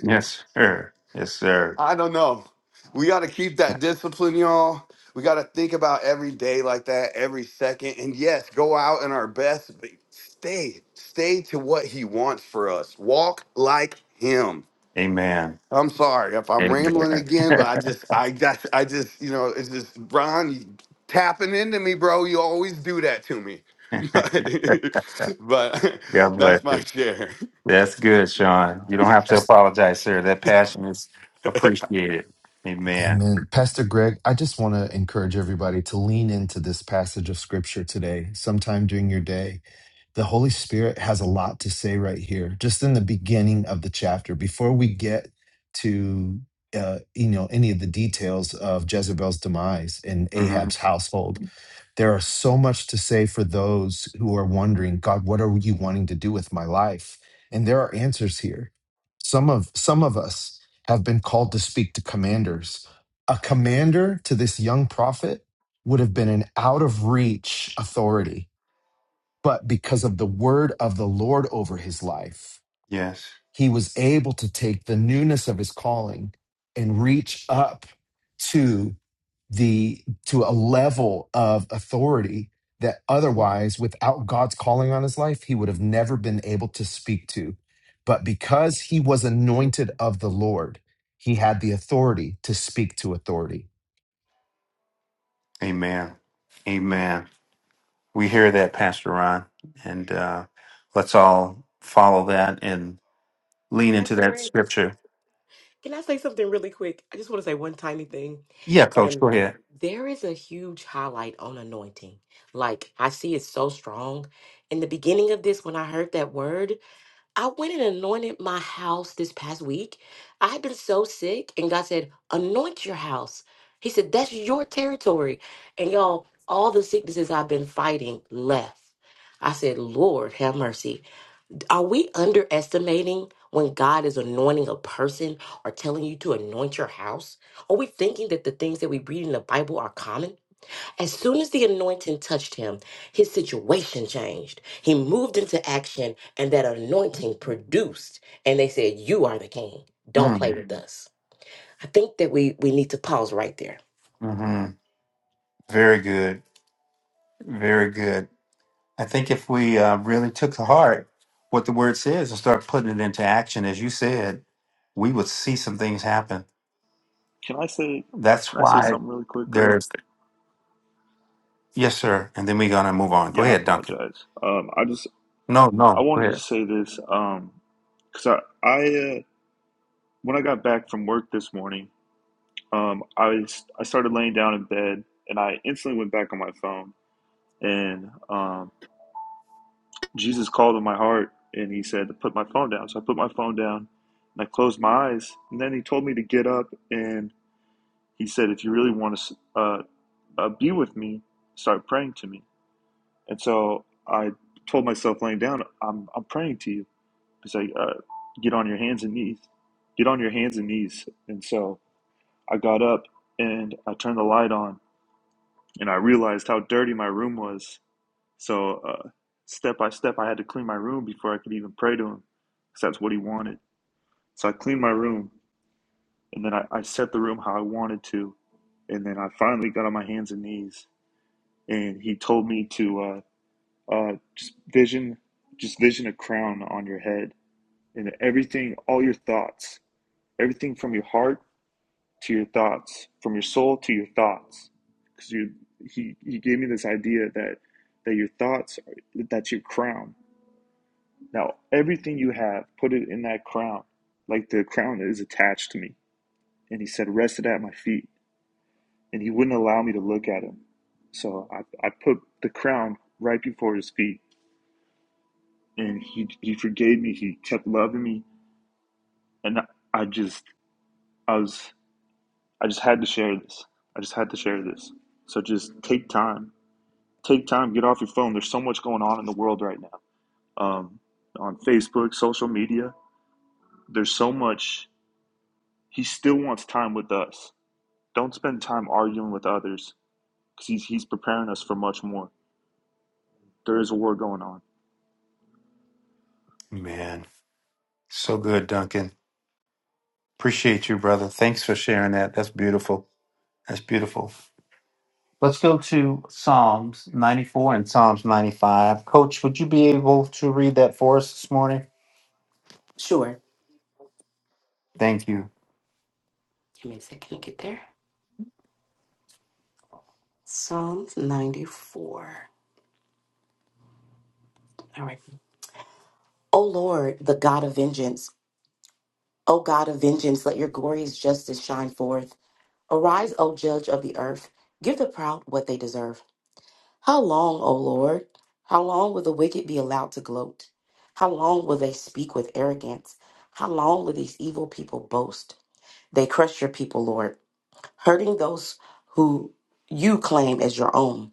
Yes, sir. Yes, sir. I don't know. We got to keep that discipline, y'all. We got to think about every day like that, every second. And yes, go out in our best, but stay, stay to what He wants for us. Walk like Him. Amen. I'm sorry if I'm rambling Amen. again, but I just, I just, I just, you know, it's just Ron you tapping into me, bro. You always do that to me, but, but God bless that's my you. share. That's good, Sean. You don't have to That's- apologize, sir. That passion is appreciated. Amen. Amen. Pastor Greg, I just want to encourage everybody to lean into this passage of scripture today, sometime during your day the Holy Spirit has a lot to say right here, just in the beginning of the chapter, before we get to uh, you know any of the details of Jezebel's demise and hmm Ahab's household. There are so much to say for those who are wondering, God, what are you wanting to do with my life? And there are answers here. Some of some of us have been called to speak to commanders. A commander to this young prophet would have been an out of reach authority but because of the word of the Lord over his life, Yes. he was able to take the newness of his calling and reach up to the to a level of authority that otherwise without God's calling on his life he would have never been able to speak to but because he was anointed of the Lord he had the authority to speak to authority Amen. Amen. We hear that, Pastor Ron. And uh, let's all follow that and lean into Pastor that Greg, scripture. can I say something really quick? I just want to say one tiny thing. Yeah, Coach, go And ahead. there is a huge highlight on anointing. Like, I see it so strong. In the beginning of this, when I heard that word, I went and anointed my house this past week. I had been so sick, and God said, Anoint your house. He said, That's your territory. And y'all, all the sicknesses I've been fighting left. I said, Lord, have mercy. Are we underestimating when God is anointing a person or telling you to anoint your house? Are we thinking that the things that we read in the Bible are common? As soon as the anointing touched him, his situation changed. He moved into action, and that anointing produced. And they said, You are the king. Don't play Mm-hmm. with Mhm. us. I think that we, we need to pause right there Mm-hmm. Very good. Very good. I think if we uh, really took to heart what the word says and start putting it into action, as you said, we would see some things happen. Can I say That's can I say why something really quick, Greg? there's, yes, sir. And then we're going to move on. Go Yeah, I ahead, Duncan. apologize. Um, I just No, I no, go wanted to ahead. say this um, because I I uh, when I got back from work this morning, um, I was, I started laying down in bed and I instantly went back on my phone and um, Jesus called in my heart and he said to put my phone down. So I put my phone down and I closed my eyes and then he told me to get up and he said if you really want to uh, uh, be with me, start praying to me. And so I told myself laying down, I'm, I'm praying to you. It's like, uh, get on your hands and knees, get on your hands and knees. And so I got up and I turned the light on and I realized how dirty my room was. So uh, step by step, I had to clean my room before I could even pray to him because that's what he wanted. So I cleaned my room and then I, I set the room how I wanted to. And then I finally got on my hands and knees and he told me to. uh, Uh, just vision, just vision a crown on your head, and everything, all your thoughts, everything from your heart to your thoughts, from your soul to your thoughts, because you he he gave me this idea that that your thoughts that's your crown. Now everything you have, put it in that crown, like the crown that is attached to me. And he said, rest it at my feet. And he wouldn't allow me to look at him, so I I put the crown right before his feet and he he forgave me. He kept loving me, and I, I just I was I just had to share this. I just had to share this. So just take time, take time, get off your phone. There's so much going on in the world right now. Um, on Facebook, social media, there's so much. He still wants time with us. Don't spend time arguing with others because he's he's preparing us for much more. There is a war going on. Man, so good, Duncan. Appreciate you, brother. Thanks for sharing that. That's beautiful. That's beautiful. Let's go to Psalms 94 and Psalms 95. Coach, would you be able to read that for us this morning? Sure. Thank you. Give me a second to get there. Psalms 94. All right. O Lord, the God of vengeance, O God of vengeance, let your glorious justice shine forth. Arise, O judge of the earth, give the proud what they deserve. How long, O Lord? How long will the wicked be allowed to gloat? How long will they speak with arrogance? How long will these evil people boast? They crush your people, Lord, hurting those who you claim as your own.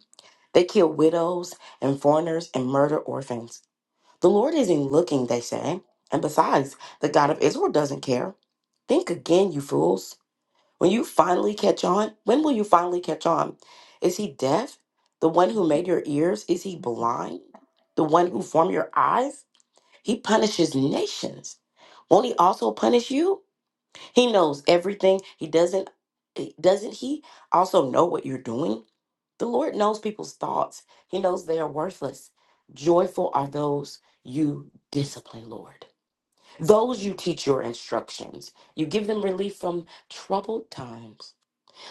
They kill widows and foreigners and murder orphans. The Lord isn't looking, they say. And besides, the God of Israel doesn't care. Think again, you fools. When you finally catch on, when will you finally catch on? Is he deaf? The one who made your ears? Is he blind? The one who formed your eyes? He punishes nations. Won't he also punish you? He knows everything. He doesn't doesn't he also know what you're doing? The Lord knows people's thoughts. He knows they are worthless. Joyful are those you discipline, Lord. Those you teach your instructions. You give them relief from troubled times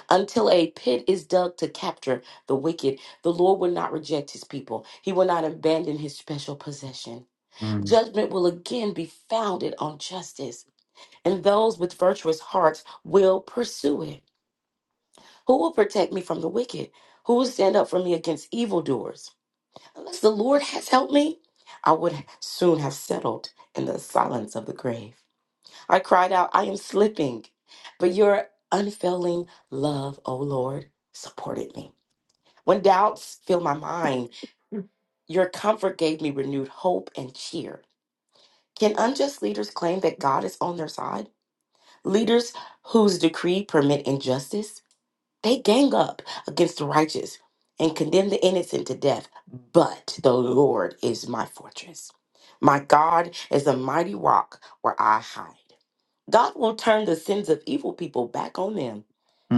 until a pit is dug to capture the wicked, the Lord will not reject his people. He will not abandon his special possession. Mm, Judgment will again be founded on justice, and those with virtuous hearts will pursue it. Who will protect me from the wicked? Who will stand up for me against evildoers? Unless the Lord has helped me, I would soon have settled in the silence of the grave. I cried out, I am slipping, but your unfailing love, O Lord, supported me. When doubts fill my mind, your comfort gave me renewed hope and cheer. Can unjust leaders claim that God is on their side? Leaders whose decree permit injustice? They gang up against the righteous and condemn the innocent to death, but the Lord is my fortress. My God is a mighty rock where I hide. God will turn the sins of evil people back on them.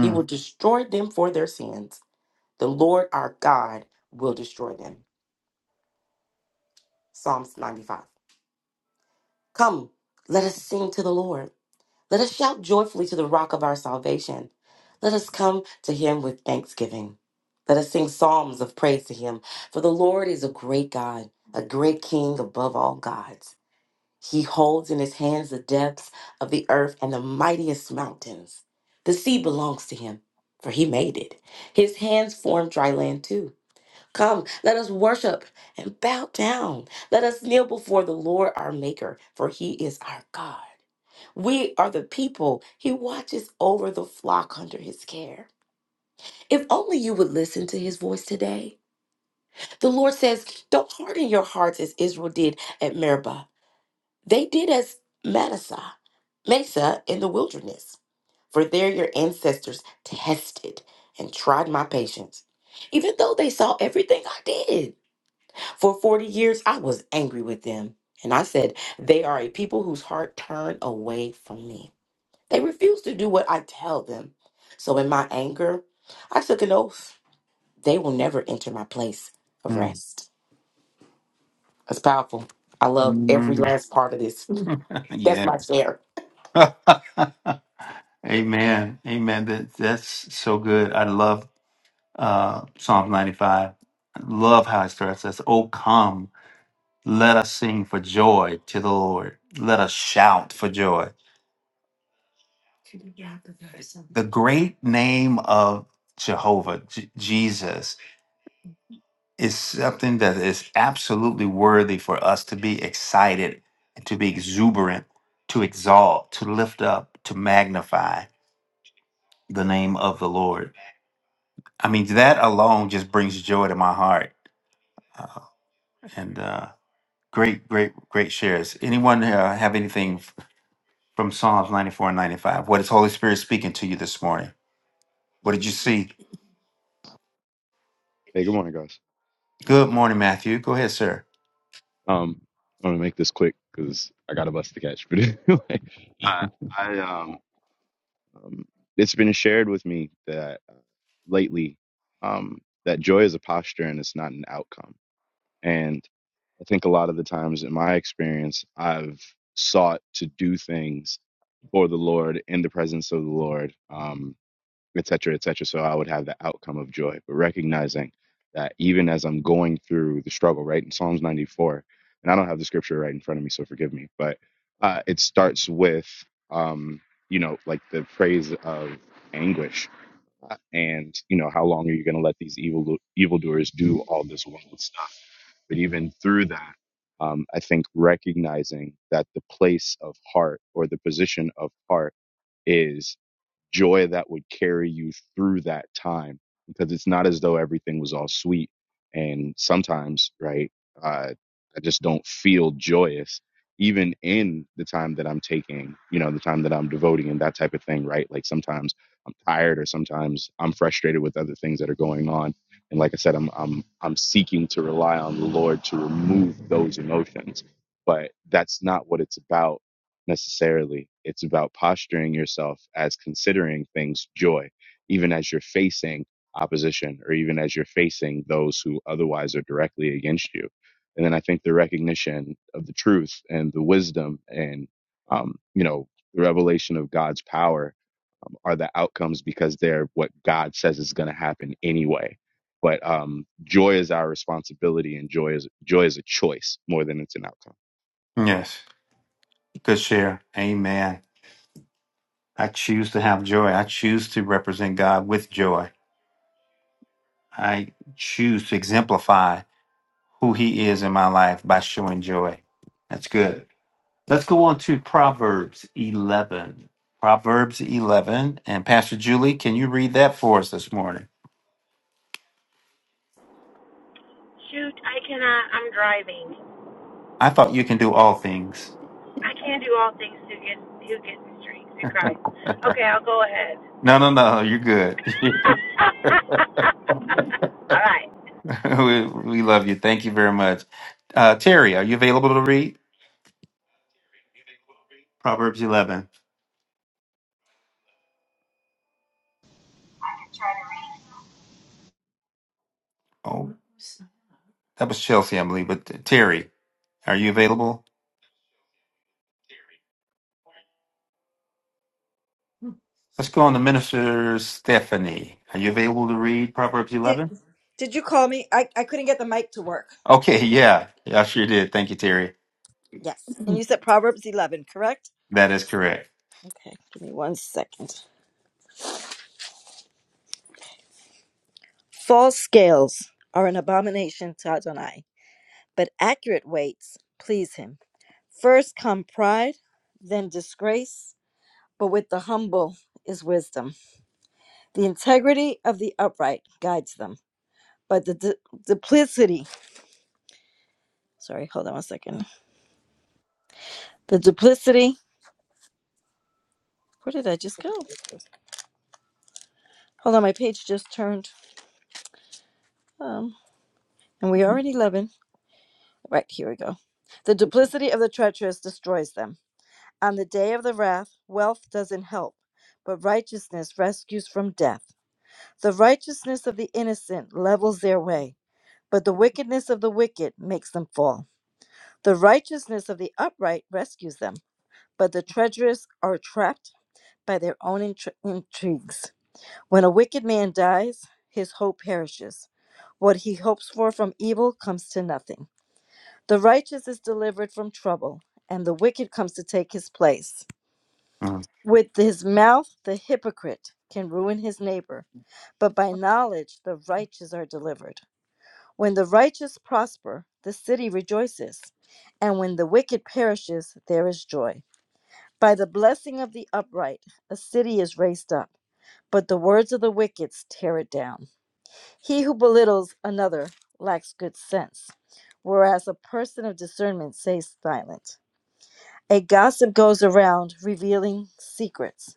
He will destroy them for their sins. The Lord our God will destroy them. Psalms 95. Come, let us sing to the Lord. Let us shout joyfully to the rock of our salvation. Let us come to him with thanksgiving. Let us sing psalms of praise to him. For the Lord is a great God, a great King above all gods. He holds in his hands the depths of the earth and the mightiest mountains. The sea belongs to him, for he made it. His hands formed dry land too. Come, let us worship and bow down. Let us kneel before the Lord our Maker, for he is our God. We are the people. He watches over the flock under his care. If only you would listen to his voice today. The Lord says, Don't harden your hearts as Israel did at Meribah. They did as Manasseh, Mesa in the wilderness. For there your ancestors tested and tried my patience, even though they saw everything I did. For 40 years, I was angry with them. And I said, They are a people whose heart turned away from me. They refuse to do what I tell them. So in my anger, I took an oath. They will never enter my place of mm, rest. That's powerful. I love mm. every last part of this. That's Yeah. my share. Amen. Amen. That that's so good. I love uh Psalm 95. I love how it starts. It says, Oh come, let us sing for joy to the Lord. Let us shout for joy. The great name of Jehovah, J- Jesus, is something that is absolutely worthy for us to be excited, to be exuberant, to exalt, to lift up, to magnify the name of the Lord. I mean, that alone just brings joy to my heart. Uh, and uh, great, great, great shares. Anyone uh, have anything f- from Psalms 94 and 95? What is Holy Spirit speaking to you this morning? What did you see? Hey, good morning, guys. Good morning, Matthew. Go ahead, sir. Um, I'm gonna make this quick because I got a bus to catch. But anyway, I, I um, um, it's been shared with me that uh, lately, um, that joy is a posture and it's not an outcome. And I think a lot of the times in my experience, I've sought to do things for the Lord in the presence of the Lord. Um, et cetera, et cetera. So I would have the outcome of joy. But recognizing that even as I'm going through the struggle, right, in Psalms 94, and I don't have the scripture right in front of me, so forgive me, but uh, it starts with, um, you know, like the phrase of anguish. Uh, And, you know, how long are you going to let these evil evildoers do all this wicked stuff? But even through that, um, I think recognizing that the place of heart or the position of heart is joy that would carry you through that time because it's not as though everything was all sweet and sometimes right uh, i just don't feel joyous even in the time that i'm taking you know the time that i'm devoting and that type of thing right like sometimes i'm tired or sometimes i'm frustrated with other things that are going on and like i said i'm i'm i'm seeking to rely on the lord to remove those emotions but that's not what it's about necessarily. It's about posturing yourself as considering things joy, even as you're facing opposition or even as you're facing those who otherwise are directly against you. And then I think the recognition of the truth and the wisdom and, um, you know, the revelation of God's power um, are the outcomes because they're what God says is going to happen anyway. But um, joy is our responsibility, and joy is joy is a choice more than it's an outcome. Yes. Good share. Amen. I choose to have joy. I choose to represent God with joy. I choose to exemplify who He is in my life by showing joy. That's good. Let's go on to Proverbs 11. Proverbs 11. And Pastor Julie, can you read that for us this morning? Shoot, I cannot. I'm driving. I thought you can do all things. I can't do all things to get who gets the strength to Christ. Okay, I'll go ahead. No, no, no, you're good. all right. we, we love you. Thank you very much. Uh, Terry, are you available to read Proverbs 11? Oh, that was Chelsea, I believe. But uh, Terry, are you available? Let's go on to Minister Stephanie. Are you available to read Proverbs Did 11? did you call me? I, I couldn't get the mic to work. Okay, yeah. yeah, I sure did. Thank you, Terry. Yes. And you said Proverbs 11, correct? That is correct. Okay. Give me one second. False scales are an abomination to Adonai, but accurate weights please him. First come pride, then disgrace, but with the humble is wisdom. The integrity of the upright guides them, but the du- duplicity, sorry, hold on one second. The duplicity, where did I just go? Hold on, my page just turned. Um, and we are at 11. Right, here we go. The duplicity of the treacherous destroys them. On the day of the wrath, wealth doesn't help, but righteousness rescues from death. The righteousness of the innocent levels their way, but the wickedness of the wicked makes them fall. The righteousness of the upright rescues them but the treacherous are trapped by their own intri- intrigues. When a wicked man dies, his hope perishes. What he hopes for from evil comes to nothing. The righteous is delivered from trouble, and the wicked comes to take his place. Mm, With his mouth, the hypocrite can ruin his neighbor, but by knowledge, the righteous are delivered. When the righteous prosper, the city rejoices, and when the wicked perishes, there is joy. By the blessing of the upright, a city is raised up, but the words of the wicked tear it down. He who belittles another lacks good sense, whereas a person of discernment stays silent. A gossip goes around revealing secrets,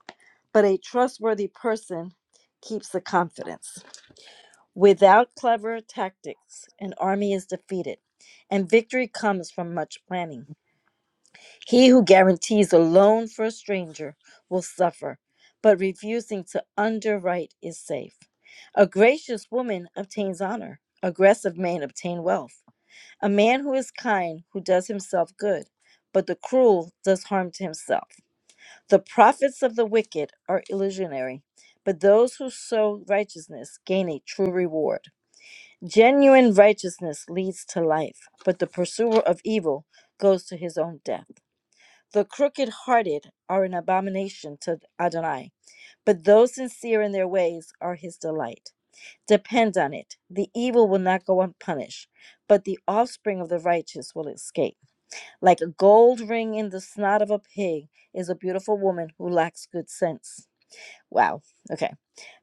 but a trustworthy person keeps the confidence. Without clever tactics, an army is defeated, and victory comes from much planning. He who guarantees a loan for a stranger will suffer, but refusing to underwrite is safe. A gracious woman obtains honor, aggressive men obtain wealth. A man who is kind, who does himself good, but the cruel does harm to himself. The profits of the wicked are illusionary, but those who sow righteousness gain a true reward. Genuine righteousness leads to life, but the pursuer of evil goes to his own death. The crooked hearted are an abomination to Adonai, but those sincere in their ways are his delight. Depend on it, the evil will not go unpunished, but the offspring of the righteous will escape. Like a gold ring in the snout of a pig is a beautiful woman who lacks good sense. Wow. Okay.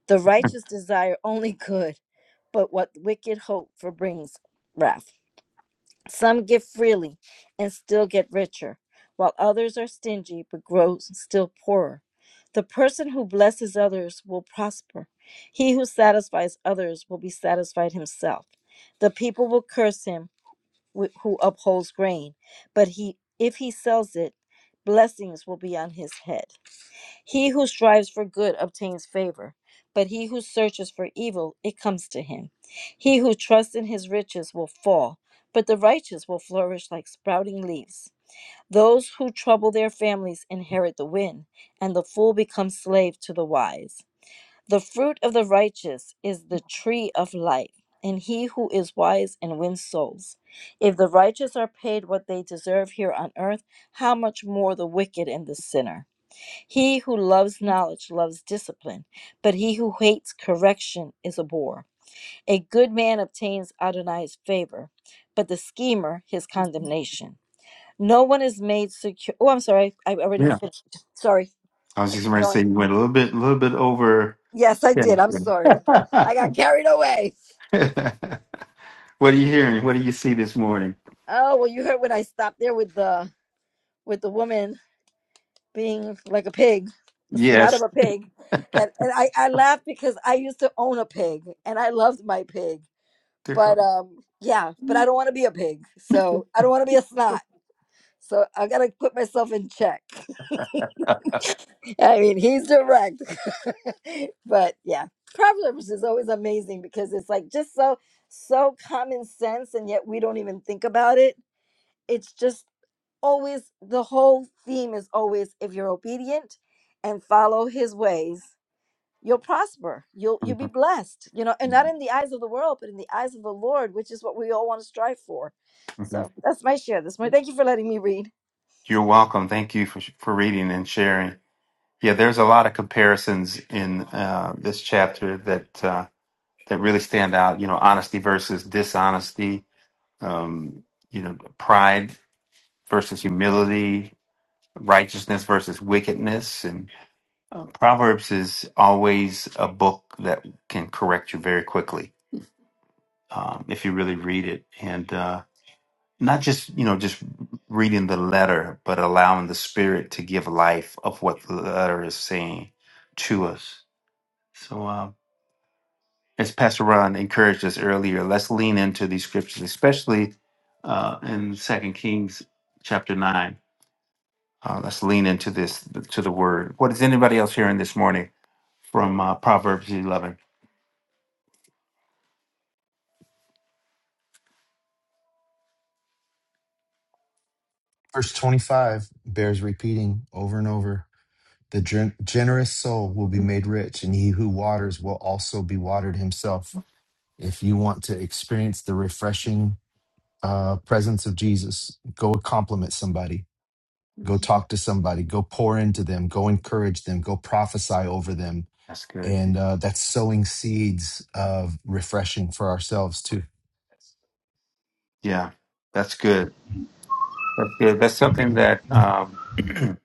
The righteous desire only good, but what wicked hope for brings wrath. Some give freely and still get richer, while others are stingy but grow still poorer. The person who blesses others will prosper. He who satisfies others will be satisfied himself. The people will curse him wh- who upholds grain, but he if he sells it, blessings will be on his head. He who strives for good obtains favor, but he who searches for evil, it comes to him. He who trusts in his riches will fall, but the righteous will flourish like sprouting leaves. Those who trouble their families inherit the wind, and the fool becomes slave to the wise. The fruit of the righteous is the tree of life, and he who is wise and wins souls. If the righteous are paid what they deserve here on earth, how much more the wicked and the sinner? He who loves knowledge loves discipline, but he who hates correction is a bore. A good man obtains Adonai's favor, but the schemer his condemnation. No one is made secure. Oh, I'm sorry. I already yeah, finished. Sorry. I was I just kept ready to going. say you went a little bit, a little bit over. Yes, I Yeah. did. I'm sorry. yeah. I got carried away. what are you hearing? What do you see this morning? Oh, well, you heard when I stopped there with the with the woman being like a pig, a snot of Yes, a pig. And and I, I laughed because I used to own a pig and I loved my pig. they're But gone. um yeah, but I don't want to be a pig. So I don't want to be a snot. So I gotta put myself in check. I mean, he's direct. but yeah. Proverbs is always amazing because it's like just so so common sense and yet we don't even think about it it's just always the whole theme is always if you're obedient and follow his ways you'll prosper you'll you'll be Mhm, blessed you know and not in the eyes of the world but in the eyes of the lord which is what we all want to strive for mhm. so that's my share this morning thank you for letting me read You're welcome. Thank you for for reading and sharing. Yeah, there's a lot of comparisons in uh, this chapter that. Uh, that really stand out. You know, honesty versus dishonesty. Um, you know, pride versus humility, righteousness versus wickedness, and uh, Proverbs is always a book that can correct you very quickly um, if you really read it, and uh, not just you know just reading the letter, but allowing the Spirit to give life of what the letter is saying to us. So. Um, as Pastor Ron encouraged us earlier, let's lean into these scriptures, especially uh, in Second Kings chapter nine. Uh, let's lean into this to the word. What is anybody else hearing this morning from uh, Proverbs eleven? verse 25 bears repeating over and over The gen- generous soul will be made rich, and he who waters will also be watered himself. If you want to experience the refreshing uh, presence of Jesus, go compliment somebody, go talk to somebody, go pour into them, go encourage them, go prophesy over them. That's good. And uh, that's sowing seeds of refreshing for ourselves too. Yeah, that's good. That's good. That's something that um,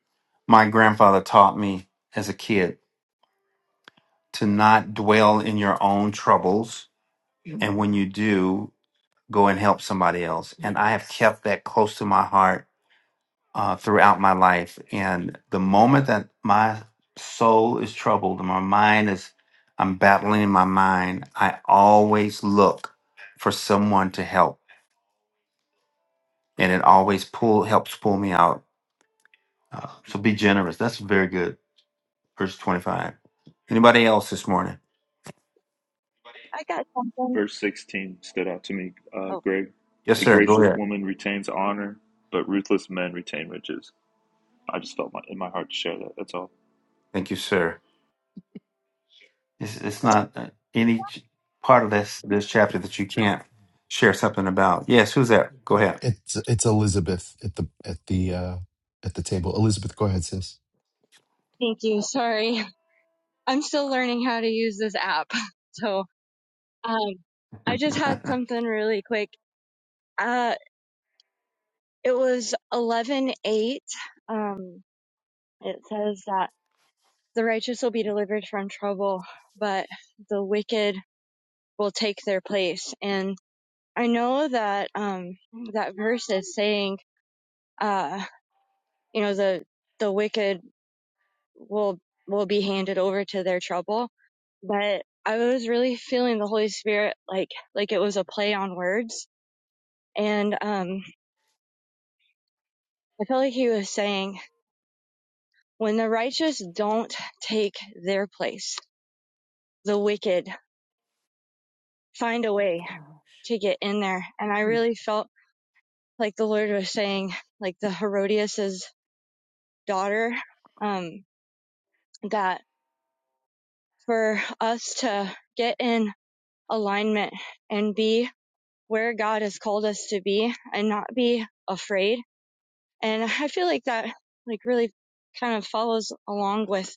my grandfather taught me as a kid to not dwell in your own troubles, and when you do, go and help somebody else. And I have kept that close to my heart uh, throughout my life. And the moment that my soul is troubled and my mind is, I'm battling in my mind, I always look for someone to help. And it always pull helps pull me out. Uh, so be generous. That's very good. Verse 25. Anybody else this morning? I got something. Verse 16 stood out to me, uh, Oh, Greg. Yes, A sir. Go gracious ahead. woman retains honor, but ruthless men retain riches. I just felt my, in my heart to share that. That's all. Thank you, sir. It's, it's not uh, any ch- part of this this chapter that you can't share something about. Yes, who's that? Go ahead. It's it's Elizabeth at the at the uh, at the table. Elizabeth, go ahead, sis. thank you. Sorry. I'm still learning how to use this app. So, um, I just had something really quick. Uh, it was 11:8. Um, it says that the righteous will be delivered from trouble, but the wicked will take their place. And I know that um that verse is saying uh, you know, the the wicked will will be handed over to their trouble. But I was really feeling the Holy Spirit like like it was a play on words. And um I felt like he was saying, when the righteous don't take their place, the wicked find a way to get in there. And I really felt like the Lord was saying, like the Herodias's daughter, um, that for us to get in alignment and be where God has called us to be and not be afraid. And I feel like that like really kind of follows along with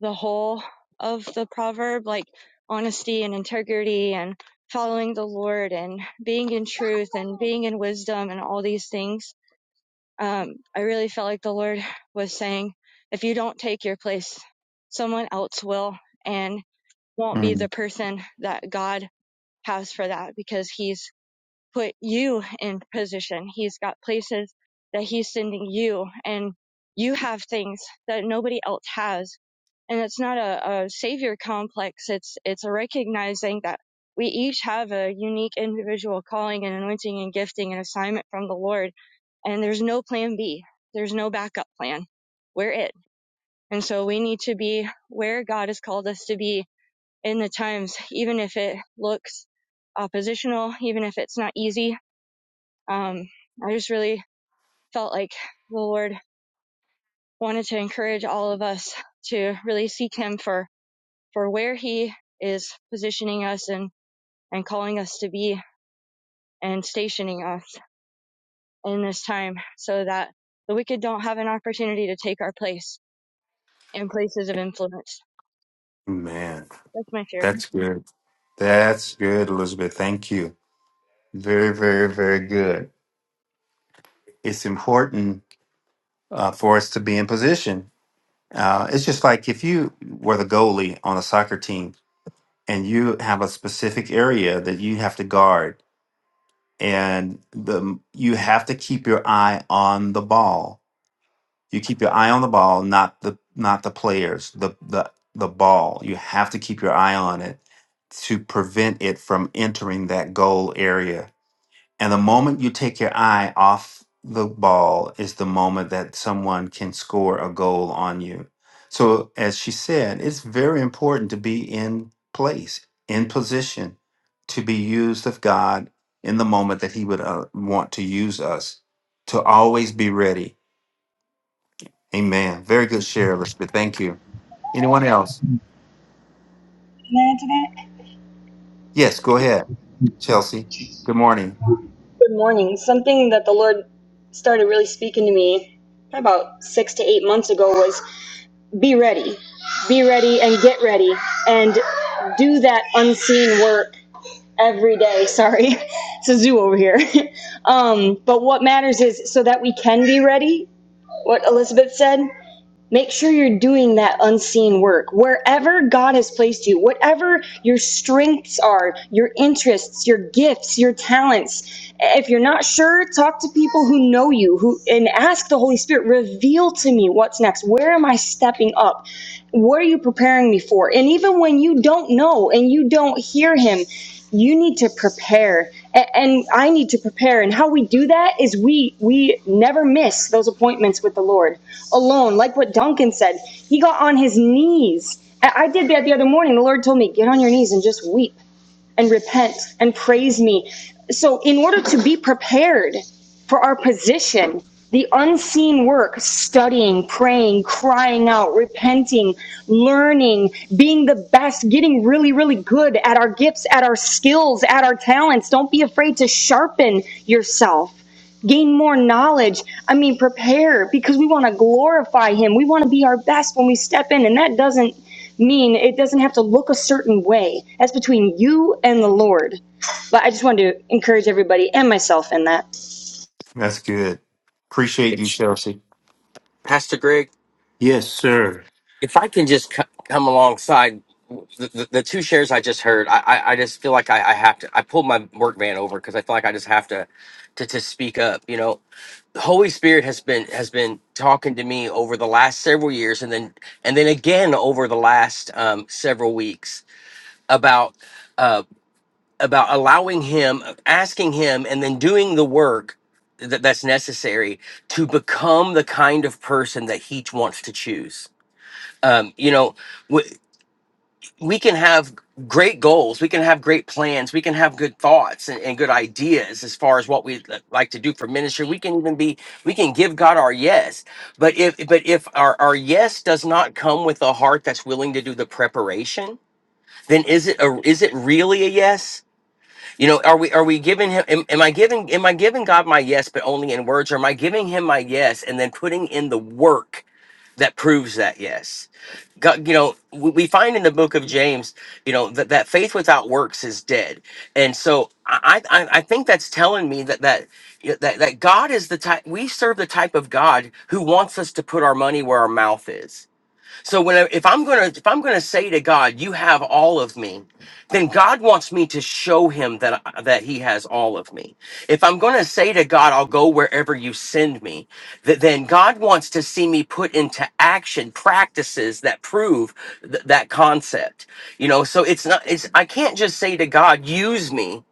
the whole of the proverb, like honesty and integrity and following the Lord and being in truth and being in wisdom and all these things. Um, I really felt like the Lord was saying, if you don't take your place, someone else will and won't be the Mm, person that God has for that because he's put you in position. He's got places that he's sending you and you have things that nobody else has. And it's not a, a savior complex. It's, it's a recognizing that we each have a unique individual calling and anointing and gifting and assignment from the Lord. And there's no plan B. There's no backup plan. We're it. And so we need to be where God has called us to be in the times, even if it looks oppositional, even if it's not easy, um, I just really felt like the Lord wanted to encourage all of us to really seek Him for, for where He is positioning us and, and calling us to be and stationing us in this time so that the wicked don't have an opportunity to take our place in places of influence. Man. That's my fear. That's good. That's good, Elizabeth. Thank you. Very, very, very good. It's important uh, for us to be in position. Uh, it's just like if you were the goalie on a soccer team and you have a specific area that you have to guard, and the you have to keep your eye on the ball. You keep your eye on the ball, not the not the players, the the the ball. You have to keep your eye on it to prevent it from entering that goal area And the moment you take your eye off the ball is the moment that someone can score a goal on you. So, as she said, it's very important to be in place, in position, to be used of God in the moment that He would uh, want to use us, to always be ready. Amen. Very good share, Elizabeth. Thank you. Anyone else? Yes, go ahead, Chelsea. Good morning. Good morning. Something that the Lord started really speaking to me about six to eight months ago was be ready, be ready, and get ready, and do that unseen work every day. Sorry, it's a zoo over here. um, but what matters is so that we can be ready. What Elizabeth said. Make sure you're doing that unseen work. Wherever God has placed you, whatever your strengths are, your interests, your gifts, your talents, if you're not sure, talk to people who know you who and ask the Holy Spirit, reveal to me what's next. Where am I stepping up? What are you preparing me for? And even when you don't know and you don't hear him, you need to prepare and i need to prepare and how we do that is we we never miss those appointments with the lord alone like what duncan said he got on his knees I did that the other morning the lord told me get on your knees and just weep and repent and praise me. So, in order to be prepared for our position, the unseen work, studying, praying, crying out, repenting, learning, being the best, getting really, really good at our gifts, at our skills, at our talents. Don't be afraid to sharpen yourself gain more knowledge. I mean, prepare because we want to glorify Him. We want to be our best when we step in, and that doesn't mean it doesn't have to look a certain way. That's between you and the Lord. But I just wanted to encourage everybody and myself in that. That's good. Appreciate you, It's- Chelsea. Pastor Greg, Yes, sir. if I can just c- come alongside the, the, the two shares I just heard, I, I, I just feel like I, I have to. I pulled my work van over because I feel like I just have to, to to speak up. You know, the Holy Spirit has been has been talking to me over the last several years, and then and then again over the last um, several weeks about uh, about allowing Him, asking Him, and then doing the work that, that's necessary to become the kind of person that He wants to choose um, you know we, we can have great goals we can have great plans we can have good thoughts and, and good ideas as far as what we like to do for ministry we can even be we can give god our yes but if but if our, our yes does not come with a heart that's willing to do the preparation then is it a, is it really a yes you know are we are we giving him am, am i giving am i giving god my yes but only in words or am i giving him my yes and then putting in the work that proves that yes God, you know we we find in the book of james you know that, that faith without works is dead and so i i, I think that's telling me that that you know, that, that god is the type we serve the type of god who wants us to put our money where our mouth is so when I, if I'm gonna if I'm gonna say to God, "You have all of me," then God wants me to show Him that I- that He has all of me. If I'm gonna say to God, "I'll go wherever you send me," th- then God wants to see me put into action practices that prove th- that concept. You know, so it's not it's I can't just say to God, "Use me."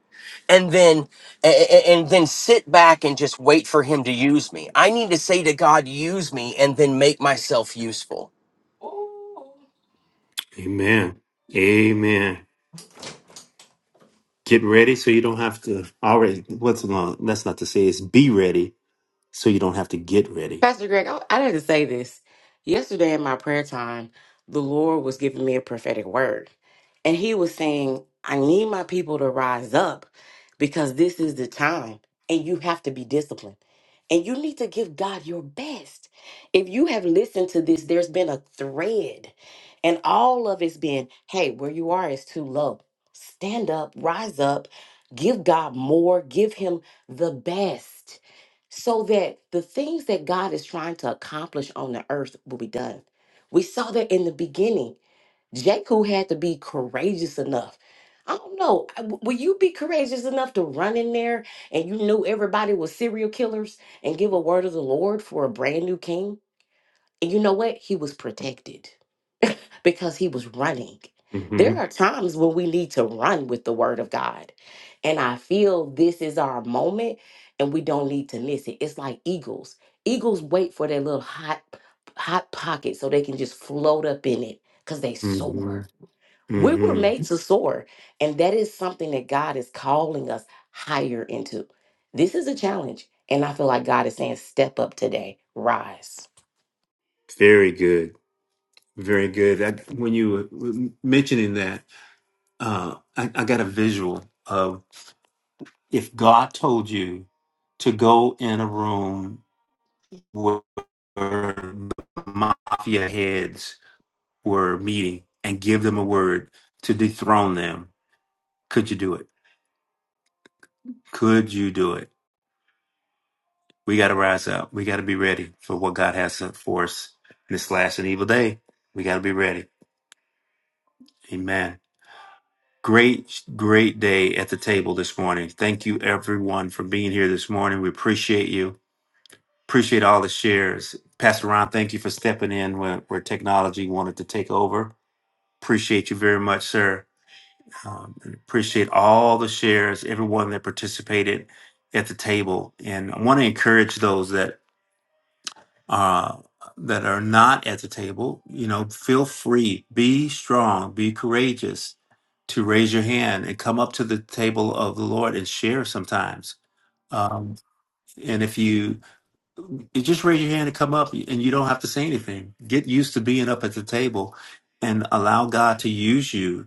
And then, a- a- and then sit back and just wait for him to use me. I need to say to God, use me, and then make myself useful Ooh. Amen. Amen. Get ready so you don't have to already what's no, that's not to say it's be ready so you don't have to get ready. Pastor Greg, I, I didn't say this. Yesterday in my prayer time, the Lord was giving me a prophetic word. And he was saying, I need my people to rise up because this is the time and you have to be disciplined. And you need to give God your best. If you have listened to this, there's been a thread, and all of it's been hey, where you are is too low. Stand up, rise up, give God more, give Him the best, so that the things that God is trying to accomplish on the earth will be done. We saw that in the beginning. Jehu had to be courageous enough. I don't know. I- w- Will you be courageous enough to run in there and you knew everybody was serial killers and give a word of the Lord for a brand new king? And you know what? He was protected because he was running. There hmm are times when we need to run with the word of God. And I feel this is our moment and we don't need to miss it. It's like eagles. Eagles wait for their little hot hot pocket so they can just float up in it because they hmm soar we were hmm made to soar, and that is something that God is calling us higher into. This is a challenge, and I feel like God is saying, Step up today, rise. Very good. Very good. That when you were were mentioning that, uh, I, I got a visual of if God told you to go in a room where the mafia heads were meeting and give them a word to dethrone them. Could you do it? Could you do it? We got to rise up. We got to be ready for what God has for us in this last and evil day. We got to be ready. Amen. Great, great day at the table this morning. Thank you, everyone, for being here this morning. We appreciate you. Appreciate all the shares. Pastor Ron, thank you for stepping in where, where technology wanted to take over. Appreciate you very much, sir Um, and appreciate all the shares, everyone that participated at the table, and I want to encourage those that uh, that are not at the table. You know, feel free, be strong, be courageous, to raise your hand and come up to the table of the Lord and share. Sometimes, um, and if you you just raise your hand and come up, and you don't have to say anything. Get used to being up at the table, and allow God to use you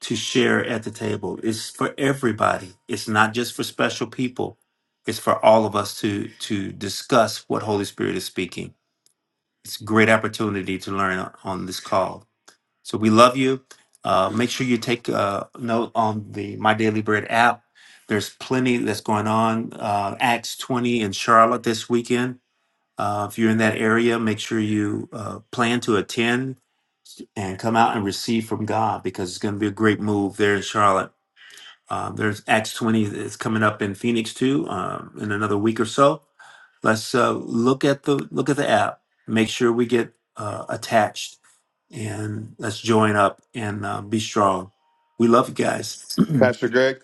to share at the table. It's for everybody. It's not just for special people. It's for all of us to to discuss what Holy Spirit is speaking. It's a great opportunity to learn o- on this call. So we love you. Uh, make sure you take uh, note on the My Daily Bread app. There's plenty that's going on. Uh, Acts 20 in Charlotte this weekend. Uh, if you're in that area, make sure you uh, plan to attend and come out and receive from God because it's going to be a great move there in Charlotte um, there's Acts 20 that's coming up in Phoenix too um, in another week or so. Let's uh, look at the look at the app. Make sure we get uh, attached and let's join up and uh, be strong. We love you guys. Pastor Greg,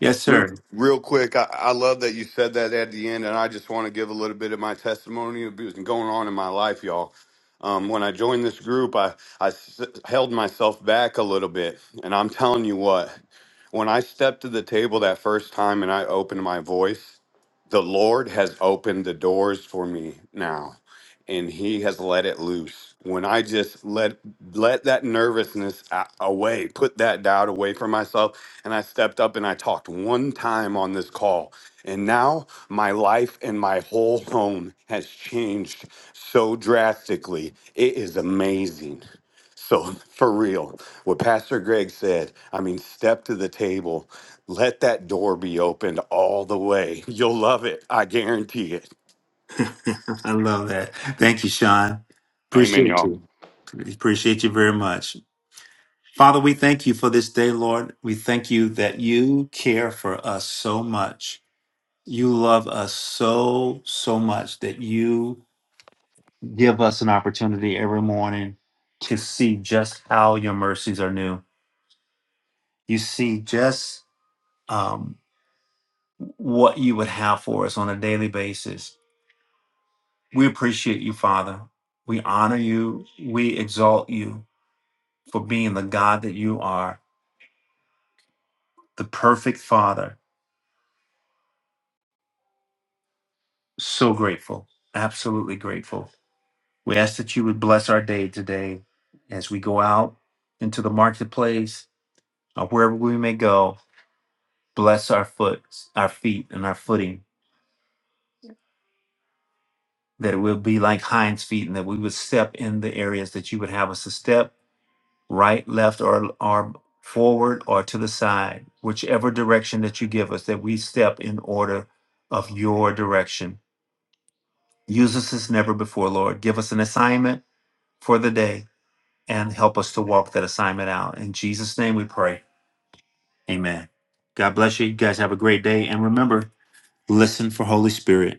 yes, real sir. real quick, I, I love that you said that at the end, and I just want to give a little bit of my testimony of what's been going on in my life, y'all. Um, when I joined this group, I, I s- held myself back a little bit, and I'm telling you what, when I stepped to the table that first time and I opened my voice, the Lord has opened the doors for me now and he has let it loose. When I just let let that nervousness a- away, put that doubt away from myself and I stepped up and I talked one time on this call and now my life and my whole home has changed so drastically. It is amazing. So, for real, what Pastor Greg said, I mean, step to the table, let that door be opened all the way. You'll love it. I guarantee it. I love that. Thank you, Sean. Amen, Appreciate y'all. you. Appreciate you very much. Father, we thank you for this day, Lord. We thank you that you care for us so much. You love us so, so much that you give us an opportunity every morning to see just how your mercies are new. You see just um, what you would have for us on a daily basis. We appreciate you, Father. We honor you. We exalt you for being the God that you are, the perfect Father. So grateful, absolutely grateful. We ask that you would bless our day today as we go out into the marketplace or wherever we may go Bless our foot, our feet, and our footing, that it will be like hinds feet, and that we would step in the areas that you would have us to step, right, left, or or forward or to the side, whichever direction that you give us, that we step in order of your direction. Use us as never before, Lord. Give us an assignment for the day and help us to walk that assignment out. In Jesus' name we pray. Amen. God bless you. You guys have a great day. And remember, listen for Holy Spirit.